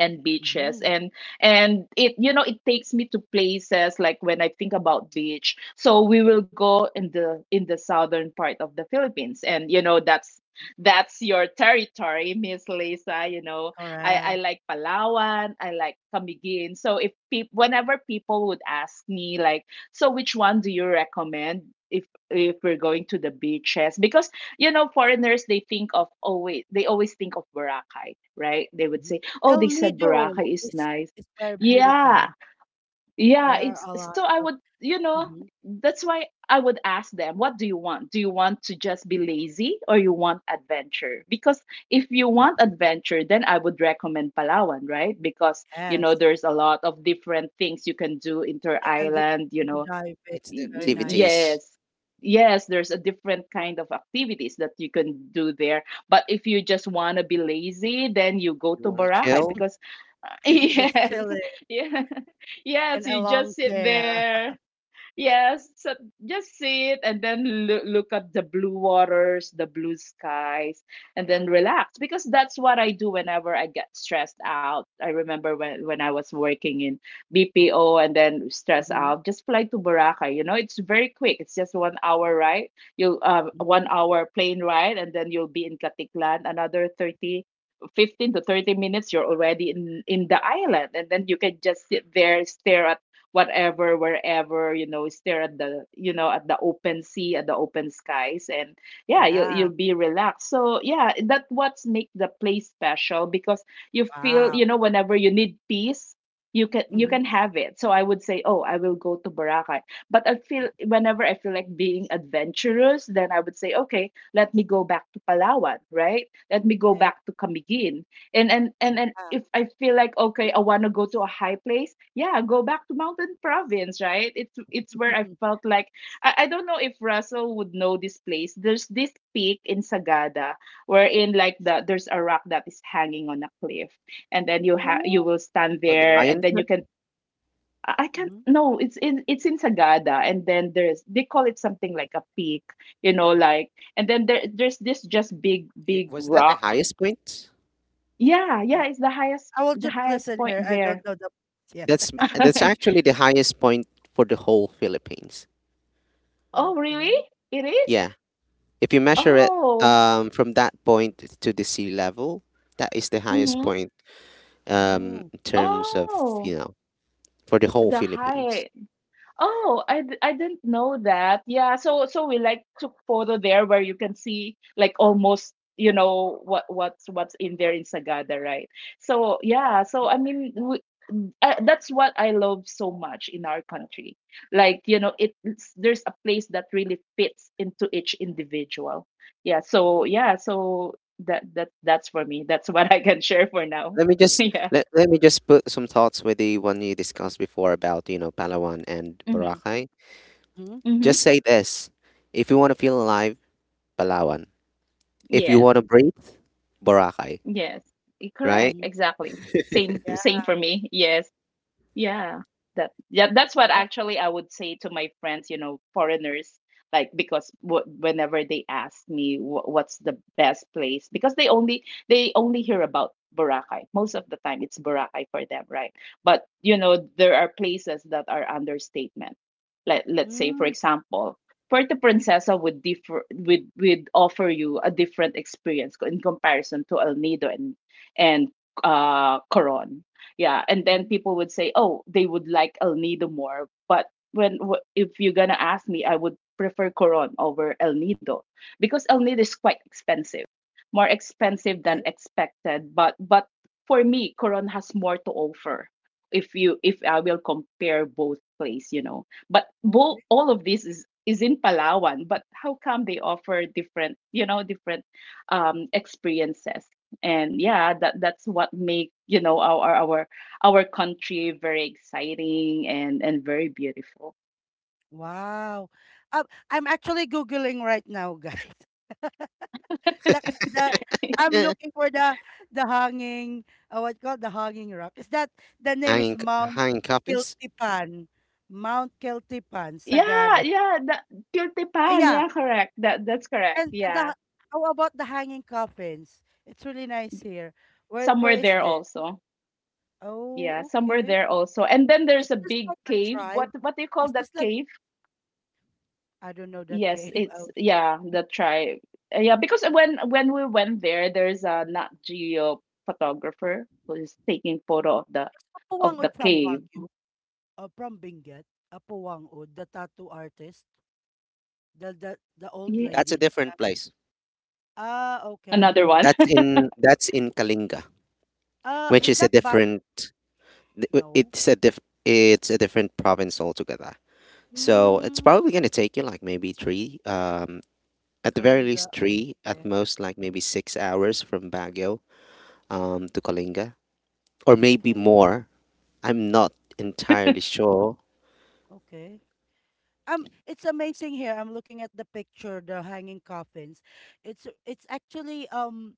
Speaker 2: beaches.
Speaker 1: Mm-hmm.
Speaker 2: And it, you know, it takes me to places. Like when I think about beach, so we will go in the southern part of the Philippines, and you know, that's your territory, [laughs] Miss Lisa, you know. I
Speaker 1: Correct.
Speaker 2: like Palawan, I like Camiguin. So if peop whenever people would ask me like, so which one do you recommend if we're going to the beaches, because you know, foreigners, they always think of Boracay, right? They would
Speaker 1: Mhm.
Speaker 2: say, oh,
Speaker 1: El
Speaker 2: they said
Speaker 1: Nido
Speaker 2: Boracay is
Speaker 1: is
Speaker 2: nice.
Speaker 1: is very
Speaker 2: Yeah.
Speaker 1: beautiful. There
Speaker 2: Yeah,
Speaker 1: are
Speaker 2: it's
Speaker 1: a
Speaker 2: so
Speaker 1: lot
Speaker 2: I
Speaker 1: of
Speaker 2: would, you know,
Speaker 1: mhm,
Speaker 2: that's why I would ask them, what do you want? Do you want to just be lazy, or you want adventure? Because if you want adventure, then I would recommend Palawan, right? Because, you
Speaker 1: yes.
Speaker 2: know, there's a lot of different things you can do inter
Speaker 1: I can do
Speaker 2: island, you
Speaker 1: scuba
Speaker 2: know.
Speaker 1: diving.
Speaker 3: It's the
Speaker 1: Very nice. Yes.
Speaker 3: activities.
Speaker 2: Yes. Yes, there's a different kind of activities that you can do there. But if you just want to be lazy, then you
Speaker 3: If
Speaker 2: go
Speaker 3: you
Speaker 2: to
Speaker 3: want to
Speaker 2: Boracay
Speaker 3: chill,
Speaker 2: because [laughs]
Speaker 1: [laughs] Just
Speaker 2: yes,
Speaker 1: chilling
Speaker 2: yeah, [laughs]
Speaker 1: in
Speaker 2: yes,
Speaker 1: a
Speaker 2: you
Speaker 1: long
Speaker 2: just sit
Speaker 1: chair.
Speaker 2: there. Yes, so just sit and then look at the blue waters, the blue skies, and then relax because that's what I do whenever I get stressed out. I remember when I was working in BPO and then stressed
Speaker 1: Hmm.
Speaker 2: out, just fly to Boracay. You know, it's very quick. It's just 1 hour ride. You one
Speaker 1: Hmm.
Speaker 2: hour plane ride, and then you'll be in Katiklan. 15 to 30 minutes, you're already in the island, and then you can just sit there, stare at whatever, wherever, you know, stare at the, you know, at the open sea, at the open skies, and yeah,
Speaker 1: Yeah.
Speaker 2: you'll be relaxed. So yeah, that what's make the place special, because you feel, you
Speaker 1: Wow.
Speaker 2: know, whenever you need peace, you
Speaker 1: Hmm.
Speaker 2: can have it. So I would say, oh, I will go to Boracay. But I feel whenever I feel like being adventurous, then I would say, okay, let me go back to Palawan, right? Let me go
Speaker 1: Okay.
Speaker 2: back to Camiguin. And
Speaker 1: Yeah.
Speaker 2: if I feel like, okay, I want to go to a high place, yeah, go back to mountain province, right? It's where I
Speaker 1: [laughs]
Speaker 2: felt like, I don't know if Russell would know this place. There's this peak in Sagada, wherein like there's a rock that is hanging on a cliff, and then you
Speaker 1: Cool.
Speaker 2: will stand
Speaker 3: oh, the
Speaker 2: there, and
Speaker 3: lion's
Speaker 2: then you
Speaker 3: head.
Speaker 2: can— I can't.
Speaker 1: Hmm.
Speaker 2: No, it's in Sagada, and then there's they call it something like a peak, you know, like, and then there's this just
Speaker 3: It,
Speaker 2: big
Speaker 3: was that the
Speaker 2: rock.
Speaker 3: highest point?
Speaker 2: Yeah, yeah, it's the highest,
Speaker 1: I will
Speaker 2: the
Speaker 1: just
Speaker 2: highest
Speaker 1: listen
Speaker 2: point
Speaker 1: here. I
Speaker 2: there.
Speaker 1: don't know the [laughs] place yet.
Speaker 3: That's
Speaker 2: [laughs]
Speaker 3: actually the highest point for the whole Philippines.
Speaker 2: Oh, really?
Speaker 1: Okay.
Speaker 2: It is?
Speaker 3: Yeah, if you measure it
Speaker 2: Oh.
Speaker 3: from that point to the sea level, that is the highest
Speaker 2: Mm-hmm.
Speaker 3: point
Speaker 1: Oh.
Speaker 3: in terms of,
Speaker 2: Oh,
Speaker 3: you know, for the whole
Speaker 2: the
Speaker 3: Philippines.
Speaker 2: high— oh, I didn't know that. Yeah, so so we like took photo there where you can see like almost, you know, what's in there in Sagada, right? So yeah, so I mean we, that's what I love so much in our country. Like you know, there's a place that really fits into each individual. Yeah, so yeah, so that's for me. That's [laughs] what I can share for now.
Speaker 3: Let me
Speaker 2: [laughs]
Speaker 3: just
Speaker 2: Yeah.
Speaker 3: let me just put some thoughts with the one you discussed before about, you know, Palawan and
Speaker 2: Mm-hmm.
Speaker 3: Boracay.
Speaker 1: Mm-hmm.
Speaker 3: Just
Speaker 2: Mm-hmm.
Speaker 3: say this. If you want to feel alive, Palawan. If you
Speaker 2: Yes.
Speaker 3: want to breathe, Boracay,
Speaker 2: Yes,
Speaker 3: right?
Speaker 2: correct,
Speaker 1: Mm-hmm.
Speaker 2: exactly. Same
Speaker 1: Yeah.
Speaker 2: for me. Yes, yeah, that yeah, that's what actually I would say to my friends, you know, foreigners, like because whenever they ask me what's the best place, because they only hear about Boracay. Most of the time, it's Boracay for them, right? But you know, there are places that are understatement. Like let's say, for
Speaker 1: Mm-hmm.
Speaker 2: example, Puerto Princesa would differ would offer you a different experience in comparison to El Nido and and Coron. Yeah, and then people would say, oh, they would like El Nido more, but if you're gonna ask me, I would prefer Coron over El Nido, because El Nido is quite expensive, more expensive than
Speaker 1: Okay.
Speaker 2: expected. But for me, Coron has more to offer, if you if I will compare both place, you know. But both,
Speaker 1: Okay.
Speaker 2: all of this is in Palawan, but how come they offer different, you know, different experiences? And yeah, that's what make, you know, our country very exciting and very beautiful.
Speaker 1: Wow. Um, I'm actually Googling right now, guys. [laughs] The the I'm
Speaker 2: [laughs]
Speaker 3: Eh,
Speaker 1: looking for the hanging what called the hanging rock. Is that the name is
Speaker 3: hanging
Speaker 1: Mount
Speaker 3: hanging coffins.
Speaker 1: Kiltipan? Mount Kiltipan,
Speaker 2: Yeah,
Speaker 1: Sagada. [laughs]
Speaker 2: yeah, that— Pan,
Speaker 1: Yeah,
Speaker 2: yeah, correct. That's correct.
Speaker 1: and
Speaker 2: Yeah.
Speaker 1: the, how about the hanging coffins? It's really nice here. Where
Speaker 2: Somewhere
Speaker 1: is
Speaker 2: there
Speaker 1: this?
Speaker 2: also. Yeah,
Speaker 1: Oh,
Speaker 2: somewhere
Speaker 1: okay.
Speaker 2: there also. And then
Speaker 1: Is
Speaker 2: there's a
Speaker 1: this
Speaker 2: big
Speaker 1: like a
Speaker 2: cave.
Speaker 1: tribe?
Speaker 2: What do you call
Speaker 1: Is
Speaker 2: that
Speaker 1: this like,
Speaker 2: cave?
Speaker 1: I don't know that
Speaker 2: Yes,
Speaker 1: cave? [laughs]
Speaker 2: it's, yeah, the tribe. Yeah, because when we went there, there's a Nat Geo photographer who is taking photo of the—
Speaker 1: Oh, Kapuwang
Speaker 2: of the
Speaker 1: from
Speaker 2: cave.
Speaker 1: Baguio. Uh, from Benguet, Apuwangud, the tattoo artist, the old
Speaker 2: Yeah,
Speaker 3: That's
Speaker 1: lady.
Speaker 3: a different place.
Speaker 1: Ah, okay.
Speaker 2: another one. [laughs]
Speaker 3: That's in Kalinga, which
Speaker 1: Is
Speaker 3: is a
Speaker 1: that ba?
Speaker 3: different th-
Speaker 1: No.
Speaker 3: it's a diff it's a different province altogether. So it's
Speaker 1: Mm,
Speaker 3: probably gonna take you like maybe three, at the very
Speaker 1: Kalinga.
Speaker 3: least three, at
Speaker 1: Okay.
Speaker 3: most like maybe 6 hours from Baguio, to Kalinga, or maybe
Speaker 1: Okay.
Speaker 3: more. I'm not entirely sure.
Speaker 1: Okay. It's amazing here. I'm looking at the picture, the hanging coffins. It's actually um,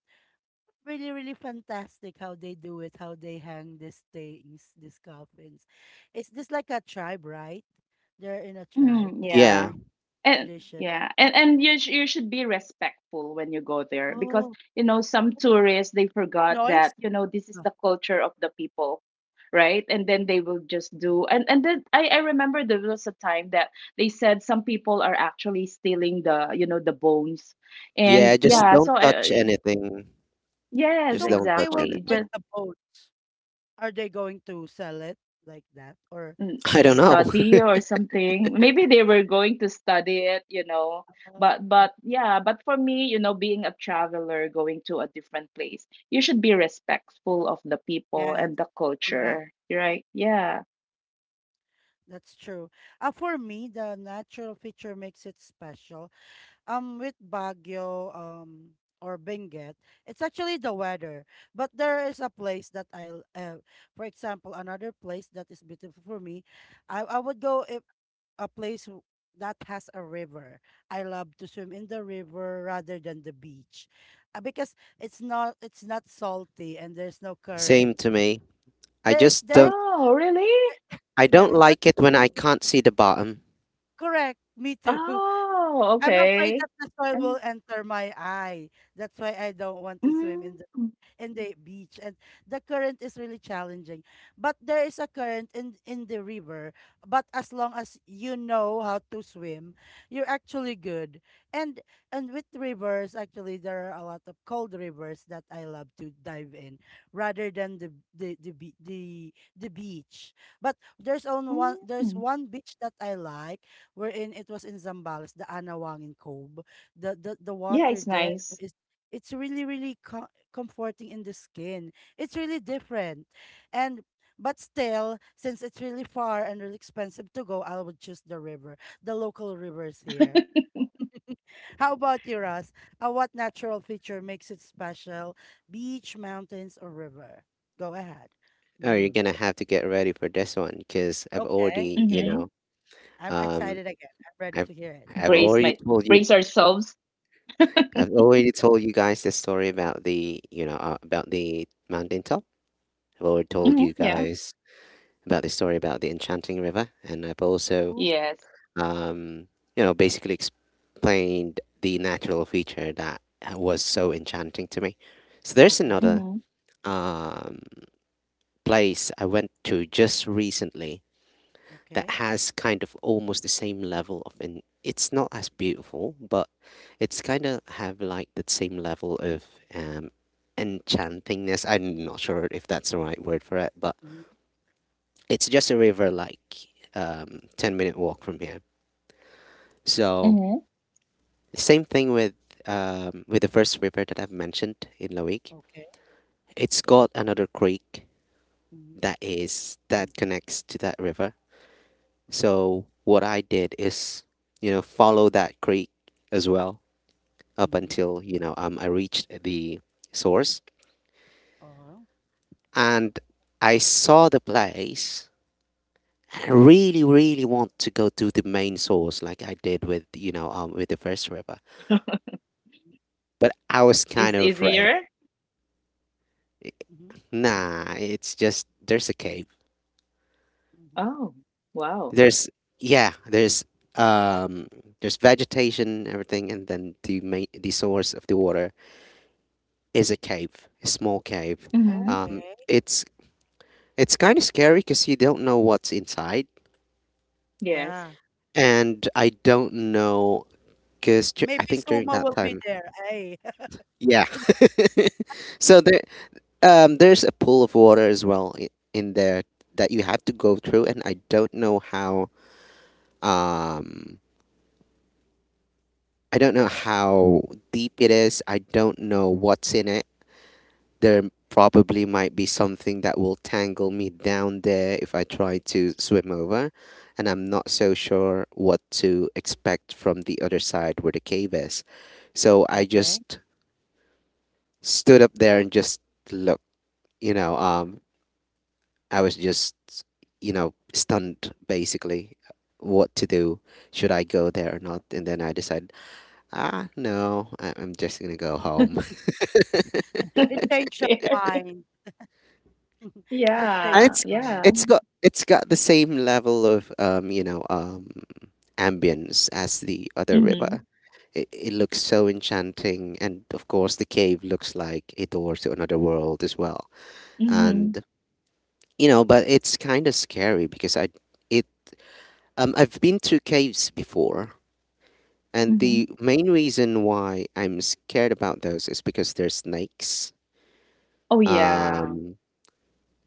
Speaker 1: really really fantastic how they do it, how they hang these things, these coffins. It's this like a tribe, right? They're in a tribe.
Speaker 2: Mm,
Speaker 1: This
Speaker 3: Yeah,
Speaker 2: yeah. And
Speaker 1: tradition.
Speaker 2: yeah, you should be respectful when you go there, because
Speaker 1: Oh,
Speaker 2: you know some tourists, they forgot
Speaker 1: noise.
Speaker 2: that, you know, this is
Speaker 1: Да.
Speaker 2: the culture of the people, right? And then they will just do, and then I remember there was a time that they said some people are actually stealing the, you know, the bones.
Speaker 3: yeah.
Speaker 2: And
Speaker 3: Just
Speaker 1: Oh,
Speaker 2: yeah,
Speaker 3: don't touch anything.
Speaker 2: yes,
Speaker 1: so
Speaker 3: Just
Speaker 1: what
Speaker 3: don't
Speaker 1: they
Speaker 3: touch
Speaker 1: will do
Speaker 2: exactly.
Speaker 1: with
Speaker 3: anything.
Speaker 2: Just—
Speaker 1: the boats? Are they going to sell it like that or
Speaker 2: mm,
Speaker 3: [laughs] I
Speaker 1: do
Speaker 3: don't
Speaker 1: it?
Speaker 3: know.
Speaker 2: study or something, maybe they were going to study it, you know.
Speaker 1: Oh,
Speaker 2: But
Speaker 1: okay.
Speaker 2: yeah, but for me, you know, being a traveler going to a different place, you should be respectful of the people
Speaker 1: Yes,
Speaker 2: and the
Speaker 1: correct.
Speaker 2: culture, right? Yeah.
Speaker 1: That's true. For me, the natural feature makes it special. With Baguio, or Benguet, it's actually the weather. But there is a place that for example, another place that is beautiful for me. I would go if a place w- that has a river. I love to swim in the river rather than the beach. Because it's not salty and there's no
Speaker 3: [laughs] Same
Speaker 1: current.
Speaker 3: to me. I
Speaker 1: There is
Speaker 3: just
Speaker 1: there is
Speaker 3: don't.
Speaker 2: Oh, really?
Speaker 3: I
Speaker 1: Yeah,
Speaker 3: don't
Speaker 1: it's not
Speaker 3: like it when I can't see the bottom.
Speaker 1: correct. Me too.
Speaker 2: Oh,
Speaker 1: [laughs] I'm afraid
Speaker 2: okay.
Speaker 1: that the soil will
Speaker 2: Um,
Speaker 1: enter my eye. That's why I don't want to swim
Speaker 2: mm,
Speaker 1: in the beach, and the current is really challenging, but there is a current in the river, but as long as you know how to swim, you're actually good. and and with rivers, actually there are a lot of cold rivers that I love to dive in rather than the beach. But there's
Speaker 2: mm.
Speaker 1: one beach that I like, wherein it was in Zambales, the Anawangin Cove. The
Speaker 2: Yeah,
Speaker 1: water
Speaker 2: it's
Speaker 1: there
Speaker 2: nice.
Speaker 1: is, it's really comforting in the skin. It's really different. And but still, since it's really far and really expensive to go, I would choose the river, the local rivers here.
Speaker 2: [laughs]
Speaker 1: How about you, Ross? What natural feature makes it special? Beach, mountains, or river? Go ahead.
Speaker 3: Oh, you're
Speaker 1: Mm.
Speaker 3: gonna have to get ready for this one because I've
Speaker 1: Okay,
Speaker 3: already, you
Speaker 1: okay.
Speaker 2: Mm-hmm.
Speaker 3: know.
Speaker 1: I'm
Speaker 3: Um,
Speaker 1: excited again. I'm ready
Speaker 3: I've
Speaker 1: to hear it.
Speaker 3: I've
Speaker 2: brace
Speaker 3: already
Speaker 2: my
Speaker 3: told you,
Speaker 2: brace ourselves. [laughs]
Speaker 3: I've already told you guys the story about the, you know, about the mountain top. I've already told
Speaker 2: Hmm,
Speaker 3: you
Speaker 1: Mountain.
Speaker 2: yeah.
Speaker 3: guys about the story about the enchanting river, and I've also
Speaker 1: Ooh,
Speaker 2: Yes.
Speaker 3: um, you know basically explained the natural feature that was so enchanting to me. So there's
Speaker 1: okay,
Speaker 3: another
Speaker 2: Mm-hmm.
Speaker 3: um, place I went to just recently that
Speaker 1: okay.
Speaker 3: has kind of almost the same level of, and it's not as beautiful but it's kind of have like that same level of um enchantingness. I'm not sure if that's the right word for it, but
Speaker 1: Hmm.
Speaker 3: it's just a river like 10-minute walk from here. So
Speaker 2: Mm-hmm.
Speaker 3: same thing with the first river that I've mentioned in Loic,
Speaker 1: Okay.
Speaker 3: it's got another creek
Speaker 1: Mm-hmm.
Speaker 3: that is that connects to that river. So what I did is, you know, follow that creek as well up
Speaker 1: Mm-hmm.
Speaker 3: until, you know, I reached the source,
Speaker 1: Uh-huh.
Speaker 3: and I saw the place. I really, really want to go to the main source, like I did with, you know, with the first river.
Speaker 1: Mm-hmm.
Speaker 3: But I was
Speaker 2: Is
Speaker 3: kind of afraid.
Speaker 2: easier?
Speaker 1: Mm-hmm.
Speaker 3: Nah, it's just there's a cave.
Speaker 1: Mm-hmm, mm-hmm.
Speaker 2: Oh, wow.
Speaker 3: There's Yeah, um there's vegetation, everything, and then the source of the water is a cave, a small cave.
Speaker 2: Mhm.
Speaker 3: Um,
Speaker 1: Okay.
Speaker 3: it's it's kind of scary because you don't know what's inside.
Speaker 2: Yes.
Speaker 1: Yeah.
Speaker 3: And I don't know because I
Speaker 1: Maybe
Speaker 3: think during
Speaker 1: Suma
Speaker 3: that
Speaker 1: will be
Speaker 3: time,
Speaker 1: there. Hey,
Speaker 3: yeah.
Speaker 1: [laughs] that's
Speaker 3: So there, there's a pool of water as well in there that you have to go through, and I don't know how. Um, I don't know how deep it is. I don't know what's in it. There probably might be something that will tangle me down there if I try to swim over, and I'm not so sure what to expect from the other side where the cave is. So I
Speaker 1: okay.
Speaker 3: just stood up there and just looked. You know, I was just, you know, stunned basically. What to do? Should I go there or not? And then I decided, ah, no, I'm just gonna go home. [laughs]
Speaker 1: It
Speaker 2: [laughs]
Speaker 1: changed your
Speaker 2: Scary.
Speaker 1: mind. That changed
Speaker 3: And
Speaker 2: Yeah,
Speaker 1: your mind.
Speaker 2: yeah.
Speaker 3: it's got, it's got the same level of you know, ambience as the other
Speaker 2: Mhm,
Speaker 3: river. It looks so enchanting, and of course, the cave looks like a door to another world as well.
Speaker 2: mhm,
Speaker 3: And you know, but it's kind of scary because it I've been to caves before, and the
Speaker 2: mhm.
Speaker 3: main reason why I'm scared about those is because they're snakes.
Speaker 2: Oh,
Speaker 1: Mm-hmm.
Speaker 2: yeah.
Speaker 3: Um,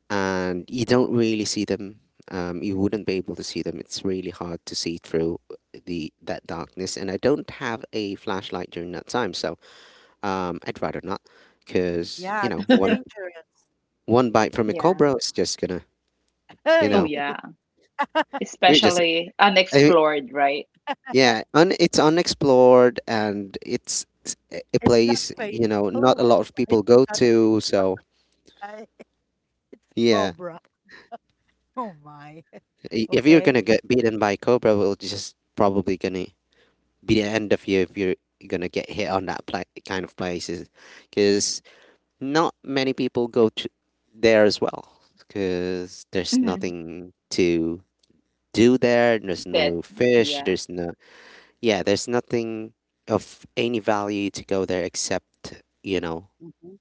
Speaker 3: and you don't really see them. You wouldn't be able to see them. It's really hard to see through the that darkness, and I don't have a flashlight during that time, so I'd rather not, because you
Speaker 1: Yeah,
Speaker 3: know,
Speaker 1: it's
Speaker 2: [laughs]
Speaker 1: dangerous.
Speaker 3: one bite from a
Speaker 2: Yeah.
Speaker 3: cobra is just gonna,
Speaker 1: [laughs]
Speaker 3: you
Speaker 2: Oh,
Speaker 1: Hey,
Speaker 3: know,
Speaker 2: yeah.
Speaker 3: you're just.
Speaker 2: Especially
Speaker 3: I
Speaker 2: unexplored, right?
Speaker 3: Yeah,
Speaker 1: [laughs]
Speaker 3: it's unexplored and it's a
Speaker 1: it's not
Speaker 3: place,
Speaker 1: faithful.
Speaker 3: you know,
Speaker 1: [laughs]
Speaker 3: not
Speaker 1: One
Speaker 3: a lot of
Speaker 1: bite,
Speaker 3: people go
Speaker 1: it's not
Speaker 3: to. So,
Speaker 1: right. [laughs] It's a
Speaker 3: yeah,
Speaker 1: cobra. Oh my. [laughs]
Speaker 3: I- if you're
Speaker 1: Okay.
Speaker 3: gonna get beaten by Cobra, will just probably gonna be the end of you if you're gonna get hit on that pla- kind of places, because not many people go to there as well, because there's
Speaker 2: Mhm.
Speaker 3: nothing to do there. There's
Speaker 2: That—
Speaker 3: no fish.
Speaker 2: yeah.
Speaker 3: There's no yeah. There's nothing of any value to go there except
Speaker 1: Mhm,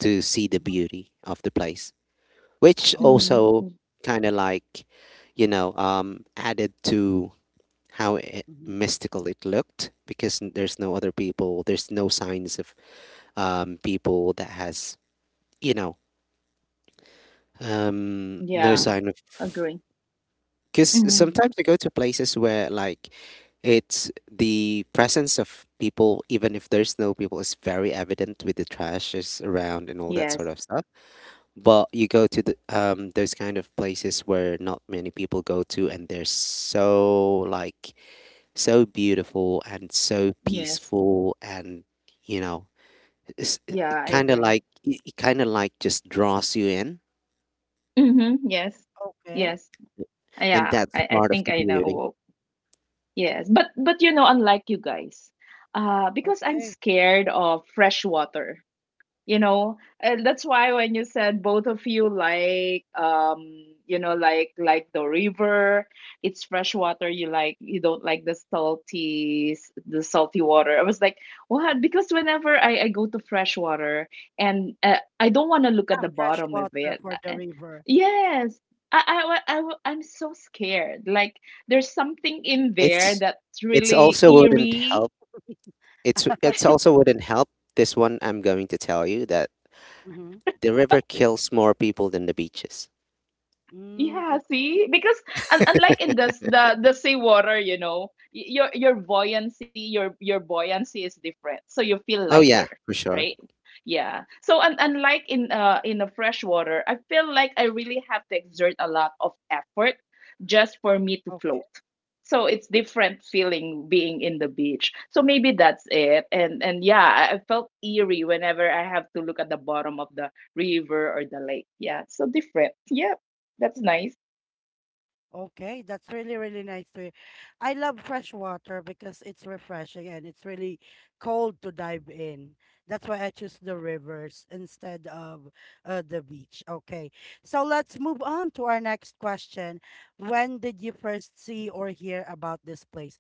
Speaker 3: to see the
Speaker 1: mhm.
Speaker 3: beauty of the place, which
Speaker 1: Oh,
Speaker 2: Mhm.
Speaker 3: also
Speaker 2: Mm.
Speaker 3: kind of like, added to how it,
Speaker 1: mhm,
Speaker 3: mystical it looked because n- there's no other people, there's no signs of people that has, you know, no
Speaker 2: Yeah,
Speaker 3: sign of.
Speaker 2: agree.
Speaker 3: Because
Speaker 2: Mhm.
Speaker 1: mhm.
Speaker 3: sometimes I go to places where like it's the presence of people, even if there's no people, is very evident with the trashes around and all that sort
Speaker 2: Yes.
Speaker 3: of stuff. But you go to the, those kind of places where not many people go to, and they're so like so beautiful and so
Speaker 2: Yes.
Speaker 3: peaceful, and you know, it's
Speaker 2: Yeah, I agree.
Speaker 3: kind of like just draws you in,
Speaker 2: Mhm. Yes.
Speaker 1: Okay.
Speaker 2: Yes.
Speaker 3: and
Speaker 2: Yeah,
Speaker 3: that's
Speaker 2: I
Speaker 3: part of
Speaker 2: think
Speaker 3: the
Speaker 2: I
Speaker 3: beauty.
Speaker 2: know— yes, but you know, unlike you guys, because I'm
Speaker 1: Okay.
Speaker 2: scared of fresh water, you know. And that's why when you said both of you like you know, like the river, it's fresh water you like, you don't like the salty the salty water, I was like, what? Because whenever I go to fresh water, and I don't want to look at
Speaker 1: Yeah.
Speaker 2: the
Speaker 1: Fresh
Speaker 2: bottom of
Speaker 1: water
Speaker 2: it.
Speaker 1: for the
Speaker 2: I-
Speaker 1: river.
Speaker 2: yes, I'm so scared. Like, there's something in there
Speaker 3: It's
Speaker 2: that's
Speaker 3: it's
Speaker 2: really
Speaker 3: also wouldn't
Speaker 2: eerie.
Speaker 3: help. It's
Speaker 1: [laughs]
Speaker 3: also wouldn't help. This one I'm going to tell you that
Speaker 1: Mm-hmm.
Speaker 3: the river kills more people than the beaches.
Speaker 1: Mm,
Speaker 2: Yeah, see,
Speaker 1: okay.
Speaker 2: because un— unlike in the sea water, you know, your buoyancy, your buoyancy is different, so you feel
Speaker 3: Oh yeah,
Speaker 2: lighter,
Speaker 3: for sure.
Speaker 2: right? Yeah. So un— unlike in the fresh water, I feel like I really have to exert a lot of effort just for me to float. So it's different feeling being in the beach. So maybe that's it. And yeah, I felt eerie whenever I have to look at the bottom of the river or the lake. Yeah, so different. Yeah. That's nice.
Speaker 1: Okay, that's really, really nice to hear. I love fresh water because it's refreshing and it's really cold to dive in. That's why I choose the rivers instead of the beach. Okay, so let's move on to our next question. When did you first see or hear about this place?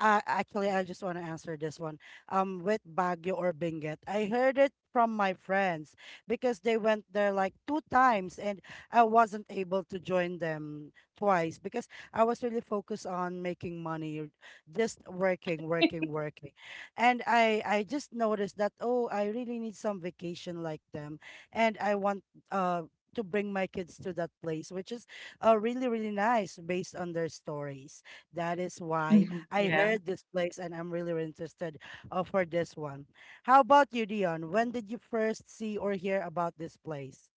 Speaker 1: Actually, I just want to answer this one. With Baguio or Benguet, I heard it from my friends because they went there like two times, and I wasn't able to join them twice because I was really focused on making money, or just working, working, working. And I just noticed that oh, I really need some vacation like them, and I want uh to bring my kids to that place, which is really really nice based on their stories. That is why
Speaker 2: Mhm.
Speaker 1: I
Speaker 2: Yeah.
Speaker 1: heard this place, and I'm really, really interested for this one. How about you, Dion? When did you first see or hear about this place?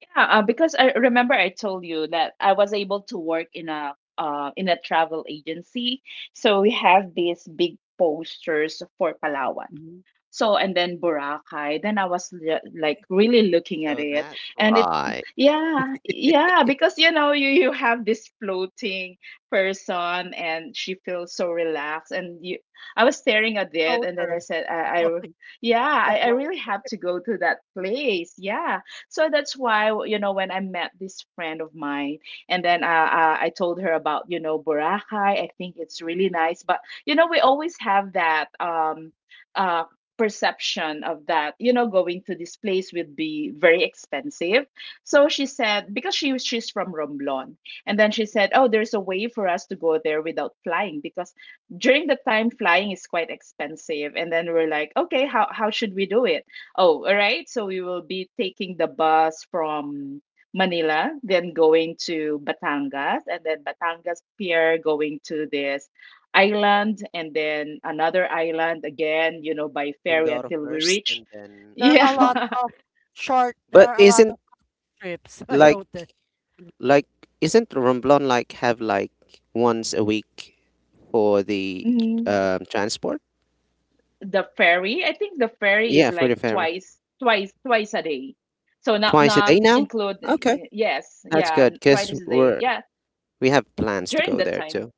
Speaker 2: Yeah, because I remember I told you that I was able to work in a travel agency. So we have these big posters for Palawan.
Speaker 1: Mhm.
Speaker 2: So and then Boracay. Then I was like really looking at
Speaker 3: So
Speaker 2: it,
Speaker 3: that's
Speaker 2: and it,
Speaker 3: why
Speaker 2: yeah, yeah, because you know you have this floating person, and she feels so relaxed, and you, I was staring at it, and then I
Speaker 1: Floaters,
Speaker 2: said,
Speaker 1: [laughs]
Speaker 2: I,
Speaker 1: floating,
Speaker 2: yeah,
Speaker 1: the
Speaker 2: I
Speaker 1: floaters.
Speaker 2: really have to go to that place. Yeah, so that's why, you know, when I met this friend of mine, and then I told her about, you know, Boracay. I think it's really nice. But, you know, we always have that uh, perception of that, you know, going to this place would be very expensive. So she said, because she's from Romblon. And then she said, oh, there's a way for us to go there without flying because during the time flying is quite expensive. And then we're like, okay, how should we do it? Oh, all right. So we will be taking the bus from Manila, then going to Batangas, and then Batangas Pier, going to this island, and then another island again, you know, by ferry
Speaker 3: Mindoro
Speaker 2: until we
Speaker 3: first
Speaker 2: reach.
Speaker 3: and then
Speaker 1: There
Speaker 2: Yeah.
Speaker 1: are a
Speaker 2: [laughs]
Speaker 3: Romblon.
Speaker 1: lot of short, there
Speaker 3: But
Speaker 1: are a lot
Speaker 3: isn't
Speaker 1: of trips. [laughs] I noticed.
Speaker 3: like like isn't Romblon like have like once a week for the
Speaker 2: Mm,
Speaker 3: transport?
Speaker 2: the ferry, I think the ferry is
Speaker 3: Yeah, for the
Speaker 2: like
Speaker 3: ferry.
Speaker 2: twice, twice a day. So not
Speaker 3: Twice a
Speaker 2: not
Speaker 3: day now?
Speaker 2: include
Speaker 3: Okay,
Speaker 2: yes,
Speaker 3: that's
Speaker 2: yeah,
Speaker 3: good because
Speaker 2: twice a day. Yeah,
Speaker 3: we have plans to
Speaker 2: during
Speaker 3: go
Speaker 2: that
Speaker 3: there
Speaker 2: time.
Speaker 3: too.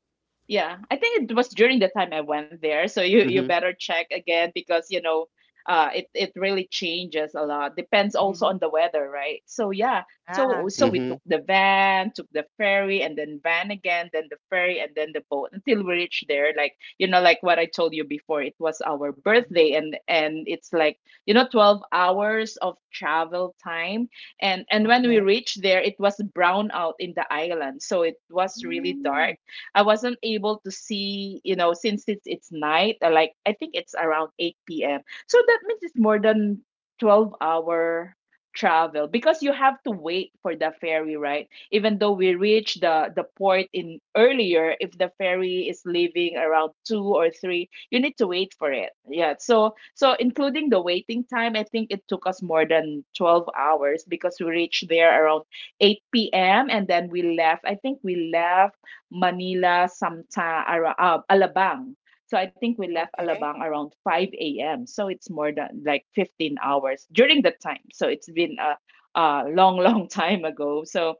Speaker 2: Yeah, I think it was during the time I went there, so you
Speaker 3: Mm-hmm.
Speaker 2: better check again because you know, it really changes a lot. Depends also
Speaker 1: Hmm.
Speaker 2: on the weather, right? So yeah, so
Speaker 1: Ah,
Speaker 2: so we
Speaker 3: Mm-hmm.
Speaker 2: took the van, took the ferry, and then van again, then the ferry, and then the boat until we reached there. Like you know, like what I told you before, it was our
Speaker 1: mhm,
Speaker 2: birthday, and it's like you know, 12 hours of travel time, and when we
Speaker 1: okay.
Speaker 2: reached there, it was brown out in the island, so it was really
Speaker 1: Mm,
Speaker 2: dark. I wasn't able to see, you know, since it's night, like I think it's around 8 p.m. So that means it's more than 12 hour travel because you have to wait for the ferry, right? Even though we reach the port in earlier, if the ferry is leaving around 2 or 3, you need to wait for it. Yeah. So including the waiting time, I think it took us more than 12 hours because we reached there around 8 p.m. And then we left. I think we left Manila, Alabang. So I think we left
Speaker 1: okay.
Speaker 2: Alabang around 5 a.m. So it's more than like 15 hours during that time. So it's been a long, [laughs] long time ago. So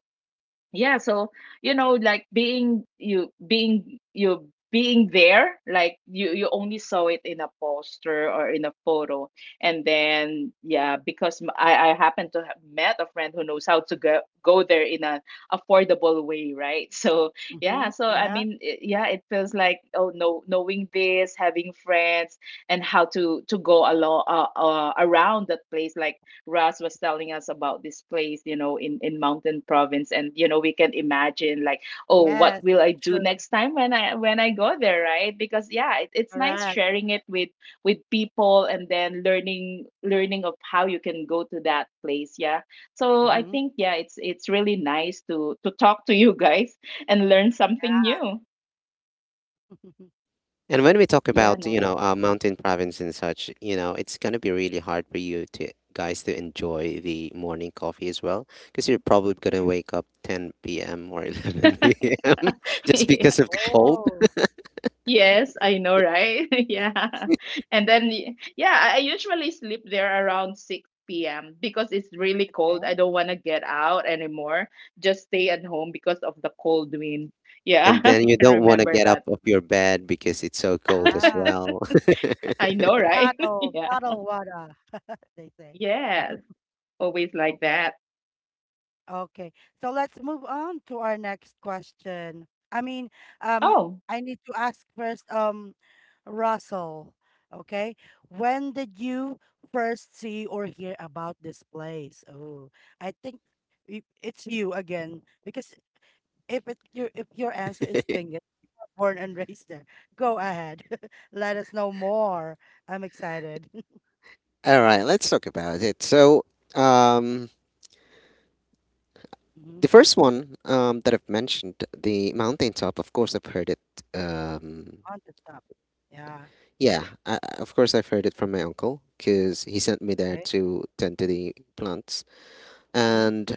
Speaker 2: yeah, so you know like being you being you being there, like you only saw it in a poster or in a photo, and then yeah, because I happen to have met a friend who knows how to go there in an affordable way, right? [laughs] So
Speaker 1: Mm-hmm.
Speaker 2: yeah, so I
Speaker 1: Yeah.
Speaker 2: mean, yeah, it feels like oh no, knowing this, having friends and how to go along around that place, like Ras was telling us about this place, you know, in Mountain Province. And, you know, we can imagine like, oh, what
Speaker 1: Yes,
Speaker 2: will I
Speaker 1: that's
Speaker 2: do
Speaker 1: true.
Speaker 2: next time when I go there, right? Because yeah, it, it's nice
Speaker 1: Correct.
Speaker 2: sharing it with people, and then learning of how you can go to that place. Yeah. So I
Speaker 1: Mm-hmm.
Speaker 2: think yeah, it's really nice to talk to you guys and learn something new.
Speaker 1: [laughs]
Speaker 3: And when we talk
Speaker 2: Yeah,
Speaker 3: about, mountain province and such, it's gonna be really hard for you to guys to enjoy the morning coffee as well, because you're probably gonna wake up 10 p.m. or
Speaker 2: nice.
Speaker 3: 11 p.m. [laughs] just because of
Speaker 2: [laughs]
Speaker 3: the cold,
Speaker 1: Oh,
Speaker 2: Yes, I know, right? [laughs] Yeah.
Speaker 3: [laughs]
Speaker 2: And then, yeah, I usually sleep there around 6 p.m. because it's really cold.
Speaker 1: okay.
Speaker 2: I don't want to get out anymore. Just stay at home because of the cold wind. Yeah,
Speaker 3: and
Speaker 2: [laughs] I
Speaker 3: then you
Speaker 2: can
Speaker 3: don't want to
Speaker 2: remember
Speaker 3: get up
Speaker 2: that.
Speaker 3: of your bed because it's so cold as
Speaker 1: Yeah.
Speaker 3: well.
Speaker 2: I know,
Speaker 3: [laughs]
Speaker 2: right? [laughs]
Speaker 1: Cuddle,
Speaker 2: Yeah.
Speaker 1: cuddle water, [laughs] they say.
Speaker 2: Yes, always like
Speaker 1: Oh,
Speaker 2: that.
Speaker 1: okay. So let's move on to our next question. I mean, um,
Speaker 2: Oh,
Speaker 1: I need to ask first, Russell, okay? When did you first see or hear about this place? Oh, I think it's you again because if it your if your answer is Benguet, born and [laughs] raised there, go ahead. [laughs] Let us know more. I'm excited.
Speaker 3: All right, let's talk about it. So, um,
Speaker 1: [laughs] Hmm.
Speaker 3: the first one that I've mentioned, the mountaintop, of course, I've heard it. Um,
Speaker 1: On the top. Yeah.
Speaker 3: Yeah, of course I've heard it from my uncle because he sent me there
Speaker 1: Okay.
Speaker 3: to tend to the plants.
Speaker 1: Mm-hmm.
Speaker 3: And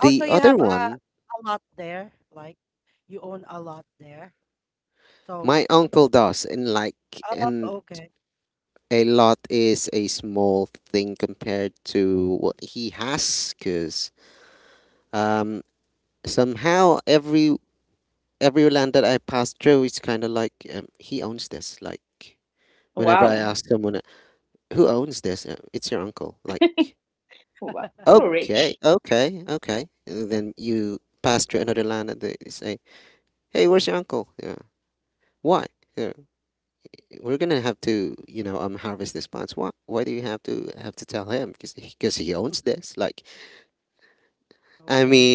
Speaker 1: Also, you
Speaker 3: other
Speaker 1: have
Speaker 3: one,
Speaker 1: a lot there. Like you own a lot there. So,
Speaker 3: my uncle does, and like,
Speaker 1: oh,
Speaker 3: and
Speaker 1: okay. [laughs]
Speaker 3: a lot is a small thing compared to what he has. Because um, somehow every land that I pass through is kind of like he owns this. Like whenever I
Speaker 2: wow.
Speaker 3: ask someone, who owns this? It's your uncle. Like
Speaker 2: Wow. So
Speaker 3: okay,
Speaker 2: rich. [laughs]
Speaker 3: okay, okay. And then you pass to another land and they say, "Hey, where's your uncle? Yeah, why? Yeah, we're gonna have to, harvest these plants. Why? Why do you have to tell him? Because he
Speaker 1: Mm,
Speaker 3: owns this. Like, I
Speaker 1: okay.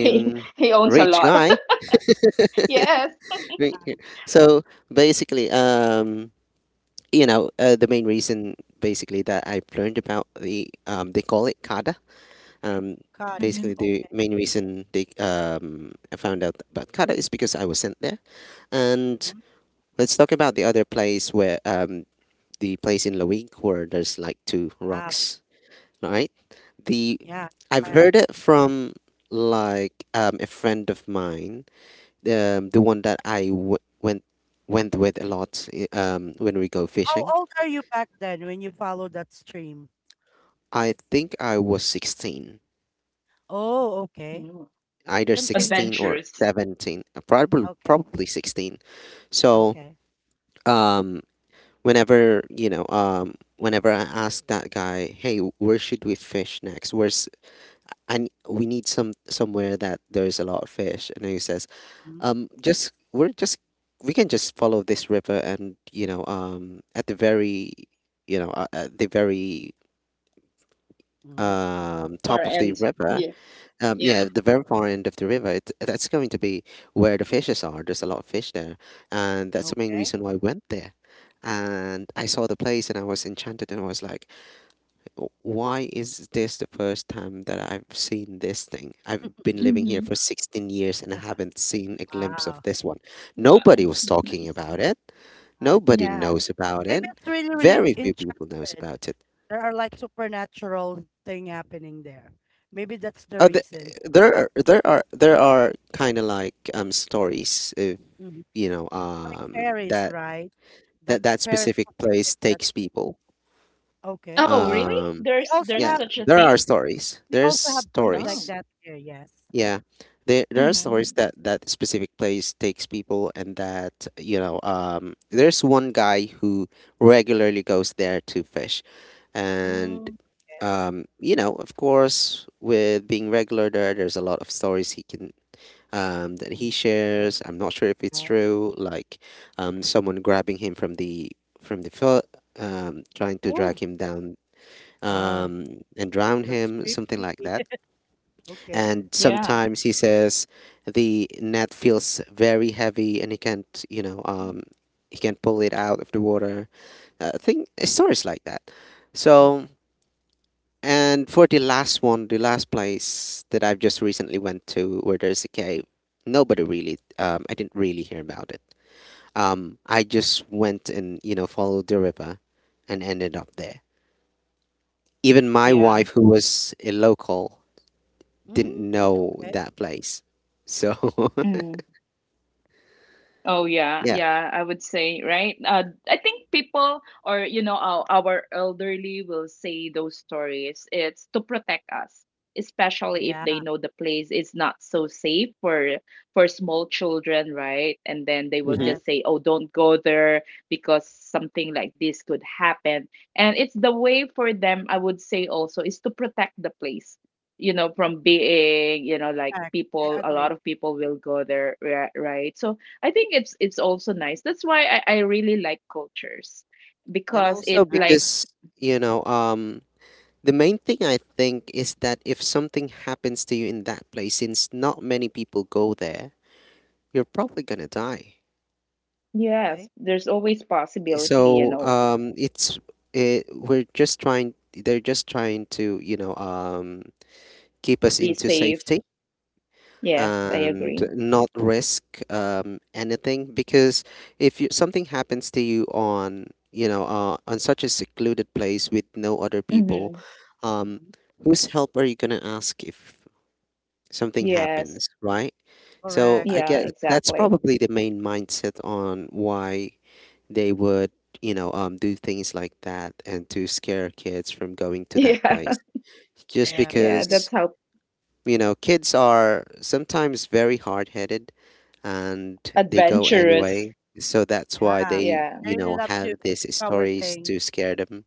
Speaker 2: He he owns a
Speaker 3: rich
Speaker 2: lot. [laughs]
Speaker 3: guy. [laughs]
Speaker 2: Yes.
Speaker 3: Right here. So basically, the main reason basically that I've learned about the they call it kada. Um,
Speaker 1: God.
Speaker 2: Mm-hmm.
Speaker 3: Basically, the
Speaker 1: Okay.
Speaker 3: main reason they I found out about Kata is because I was sent there. And
Speaker 1: Mhm.
Speaker 3: let's talk about the other place where the place in Lawig where there's like two
Speaker 1: Wow.
Speaker 3: rocks. All right, the
Speaker 1: Yeah.
Speaker 3: I've
Speaker 1: Bad.
Speaker 3: heard it from like a friend of mine, the one that went with a lot when we go
Speaker 1: How
Speaker 3: fishing.
Speaker 1: old are you back then when you followed that stream?
Speaker 3: I think I was 16,
Speaker 1: Oh, okay.
Speaker 3: either
Speaker 1: Continue.
Speaker 3: 16 or
Speaker 2: Adventures.
Speaker 3: 17, probably
Speaker 1: Okay.
Speaker 3: probably 16. So
Speaker 1: Okay.
Speaker 3: um whenever whenever I ask that guy, hey, where should we fish next? Where's and we need somewhere that there's a lot of fish, and he says, just we're just we can just follow this river, and at the very at the very
Speaker 1: Mm-hmm.
Speaker 2: Far
Speaker 3: top of the
Speaker 2: end.
Speaker 3: river.
Speaker 2: Yeah. Yeah.
Speaker 3: Yeah, the very far end of the river, that's going to be where the fishes are. There's a lot of fish there, and that's the main
Speaker 1: Okay.
Speaker 3: reason why I went there. And I saw the place, and I was enchanted, and I was like, "Why is this the first time that I've seen this thing? I've been living here
Speaker 2: Mm-hmm.
Speaker 3: for 16 years, and I haven't seen a glimpse of
Speaker 1: Wow.
Speaker 3: this one. Nobody
Speaker 2: Wow.
Speaker 3: was talking
Speaker 2: Nice.
Speaker 3: about it.
Speaker 1: Like,
Speaker 3: Nobody
Speaker 2: Yeah.
Speaker 3: knows about
Speaker 1: maybe
Speaker 3: it.
Speaker 1: it's really, really
Speaker 3: Very few people knows
Speaker 1: enchanted.
Speaker 3: about it.
Speaker 1: There are like supernatural thing happening there. Maybe that's the
Speaker 3: Oh,
Speaker 1: reason.
Speaker 3: there are kind of like stories if
Speaker 1: Mhm. Like fairies,
Speaker 3: that
Speaker 1: right? That
Speaker 3: that that
Speaker 1: fairies
Speaker 3: specific
Speaker 1: protecting
Speaker 3: place
Speaker 1: that.
Speaker 3: takes people.
Speaker 1: Okay.
Speaker 2: Oh, really?
Speaker 3: Um,
Speaker 2: There's
Speaker 1: We also
Speaker 3: yeah,
Speaker 2: there's
Speaker 1: have
Speaker 2: so
Speaker 3: there are stories.
Speaker 1: we
Speaker 3: There's
Speaker 1: also have place like
Speaker 2: oh.
Speaker 3: stories.
Speaker 1: that here. Yes.
Speaker 3: Yeah, there are
Speaker 2: Hmm.
Speaker 3: stories that that specific place takes people, and that you know there's one guy who regularly goes there to fish, and
Speaker 1: Mm.
Speaker 3: of course, with being regular there, there's a lot of stories he can that he shares. I'm not sure if it's
Speaker 1: Okay.
Speaker 3: true. Like someone grabbing him from the foot, trying to
Speaker 1: Oh,
Speaker 3: drag him down,
Speaker 1: wow.
Speaker 3: and drown
Speaker 1: That's
Speaker 3: him, something
Speaker 1: creepy.
Speaker 3: like that.
Speaker 1: [laughs] Okay.
Speaker 3: And
Speaker 2: Yeah.
Speaker 3: sometimes he says the net feels very heavy and he can't,
Speaker 1: Mm,
Speaker 3: he can't pull it out of the water. I think stories like that. So
Speaker 1: okay.
Speaker 3: and for the last one, the last place that I've just recently went to where there's a cave, nobody really, I didn't really hear about it. I just went and, followed the river and ended up there. Even my
Speaker 2: Yeah.
Speaker 3: wife, who was a local, didn't
Speaker 1: Mm,
Speaker 3: know
Speaker 1: okay.
Speaker 3: that place. So,
Speaker 2: Mm. Oh yeah,
Speaker 3: [laughs] yeah.
Speaker 2: yeah, I would say, right? I think people, or you know, our elderly will say those stories. It's to protect us, especially if they
Speaker 1: Yeah.
Speaker 2: know the place is not so safe for small children, right? And then they will
Speaker 3: hmm
Speaker 1: Yes.
Speaker 2: just say, "Oh, don't go there because something like this could happen." And it's the way for them, I would say also, is to protect the place. You know, from being, you know, like
Speaker 1: I I
Speaker 2: people, a lot
Speaker 1: agree.
Speaker 2: of people will go there, right? So I think it's also nice. That's why I really like cultures
Speaker 3: And
Speaker 2: because
Speaker 3: also
Speaker 2: it
Speaker 1: Yeah.
Speaker 2: like
Speaker 3: because, you know, um, the main thing I think is that if something happens to you in that place, since not many people go there, you're probably gonna die.
Speaker 2: yes,
Speaker 1: Okay.
Speaker 2: there's always possibility, you
Speaker 3: So
Speaker 2: know,
Speaker 3: we're just trying they're just trying to keep us
Speaker 2: be
Speaker 3: into
Speaker 2: safe.
Speaker 3: safety
Speaker 2: Yes,
Speaker 1: Okay.
Speaker 2: I
Speaker 3: and
Speaker 2: agree.
Speaker 3: not risk anything, because if something happens to you on on such a secluded place with no other people,
Speaker 2: Hmm.
Speaker 3: um
Speaker 1: Mm-hmm.
Speaker 3: whose help are you going to ask if something
Speaker 2: Yes.
Speaker 3: happens, right? So
Speaker 1: Correct.
Speaker 3: I
Speaker 2: Yeah,
Speaker 3: guess that's
Speaker 2: exactly.
Speaker 3: probably the main mindset on why they would do things like that and to scare kids from going
Speaker 2: [laughs]
Speaker 3: to that
Speaker 2: Yeah.
Speaker 3: place, just
Speaker 1: Yeah,
Speaker 2: Yeah,
Speaker 1: maybe.
Speaker 2: that's
Speaker 3: because
Speaker 2: how
Speaker 3: kids are sometimes very hard-headed and they go anyway,
Speaker 2: adventurous.
Speaker 3: so that's why
Speaker 1: Yeah.
Speaker 3: they
Speaker 2: Yeah.
Speaker 1: I really love
Speaker 3: have
Speaker 1: to
Speaker 3: these
Speaker 1: discover
Speaker 3: stories
Speaker 1: things.
Speaker 3: to scare them.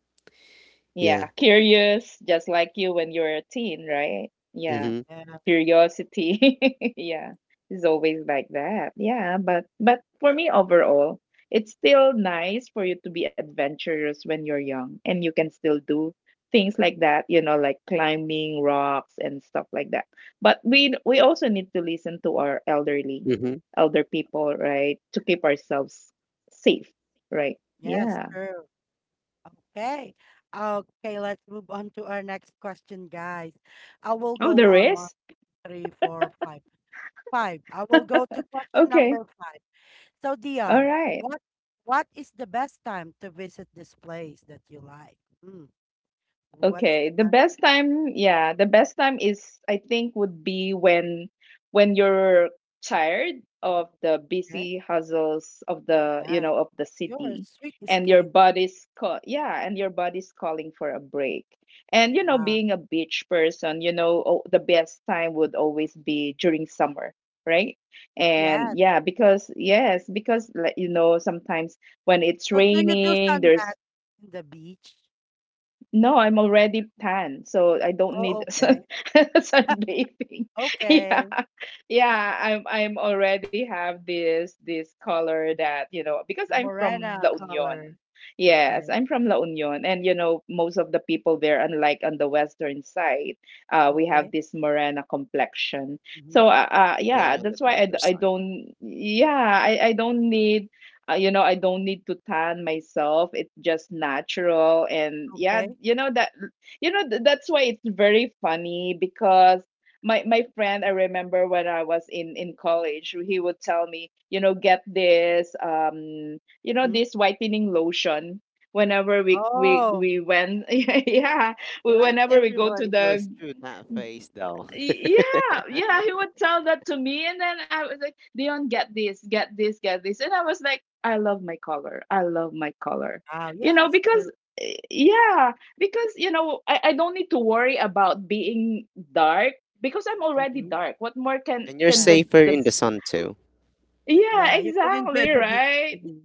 Speaker 3: Yeah.
Speaker 2: Yeah, curious just like you when you're a teen, right? Yeah.
Speaker 3: Mm-hmm.
Speaker 1: Yeah.
Speaker 2: Curiosity. [laughs] Yeah, it's always like that. Yeah, but for me overall, it's still nice for you to be adventurous when you're young and you can still do things like that, you know, like climbing rocks and stuff like that. But we also need to listen to our elderly,
Speaker 3: Mm-hmm.
Speaker 2: elder people, right? To keep ourselves safe, right?
Speaker 1: Yes,
Speaker 2: Yeah.
Speaker 1: true. Okay. Okay, let's move on to our next question, guys. I will
Speaker 2: Oh,
Speaker 1: go
Speaker 2: there
Speaker 1: on one,
Speaker 2: is?
Speaker 1: three, four, five. Five. I will go to question
Speaker 2: Okay.
Speaker 1: number five. So,
Speaker 2: All
Speaker 1: Dion,
Speaker 2: right.
Speaker 1: what what is the best time to visit this place that you like? Mm, what's
Speaker 2: Okay,
Speaker 1: the
Speaker 2: the
Speaker 1: best
Speaker 2: best time, yeah, the best time is I think would be when you're tired of the
Speaker 1: day?
Speaker 2: busy hustles of the, you
Speaker 1: Yeah.
Speaker 2: know, of the
Speaker 1: You're a
Speaker 2: city
Speaker 1: sweet
Speaker 2: and your
Speaker 1: escape.
Speaker 2: body's call, yeah, and your body's calling for a break. And you know,
Speaker 1: Wow.
Speaker 2: being a beach person, you know, oh, the best time would always be during summer, right? And
Speaker 1: Yes.
Speaker 2: yeah, because yes, because like, you know, sometimes when it's
Speaker 1: So do you do
Speaker 2: raining, there's
Speaker 1: sunbath in the beach?
Speaker 2: no, I'm already tan, so I don't
Speaker 1: Oh,
Speaker 2: need [laughs]
Speaker 1: okay.
Speaker 2: sunbathing. [laughs] Yeah.
Speaker 1: Okay.
Speaker 2: Yeah, I'm already have this color that, you know, because
Speaker 1: The
Speaker 2: I'm from
Speaker 1: morena
Speaker 2: La Union.
Speaker 1: color.
Speaker 2: Yes,
Speaker 1: Okay.
Speaker 2: I'm from La Union, and you know, most of the people there, unlike on the western side, uh, we have
Speaker 1: Okay.
Speaker 2: this morena complexion.
Speaker 1: Mm-hmm.
Speaker 2: So yeah,
Speaker 3: They're on the
Speaker 2: that's why
Speaker 3: darker
Speaker 2: I
Speaker 3: side.
Speaker 2: don't, yeah, I don't need you know, I don't need to tan myself. It's just natural. And yeah,
Speaker 1: Okay.
Speaker 2: you know that you know that's why it's very funny because my friend, I remember when I was in college, he would tell me, you know, get this, um, you know,
Speaker 1: Mm-hmm.
Speaker 2: this whitening lotion whenever we we
Speaker 1: Oh,
Speaker 2: we went [laughs] yeah,
Speaker 3: Like
Speaker 2: whenever we go to
Speaker 3: everybody
Speaker 2: the
Speaker 3: goes through that phase though.
Speaker 2: Yeah, he would tell that to me, and then I was like, Dion, get this, get this, get this. And I was like, I love my color, I love my color,
Speaker 1: wow.
Speaker 2: you know,
Speaker 1: Yes, true.
Speaker 2: because eh, yeah, because you know, I don't need to worry about being dark because I'm already
Speaker 1: Mm-hmm.
Speaker 2: dark. What more can
Speaker 3: And you're
Speaker 1: Yeah.
Speaker 3: safer
Speaker 2: the
Speaker 3: in the sun too.
Speaker 2: yeah,
Speaker 1: Yeah, you can enjoy
Speaker 2: exactly
Speaker 1: the beach.
Speaker 2: right.
Speaker 1: Fully.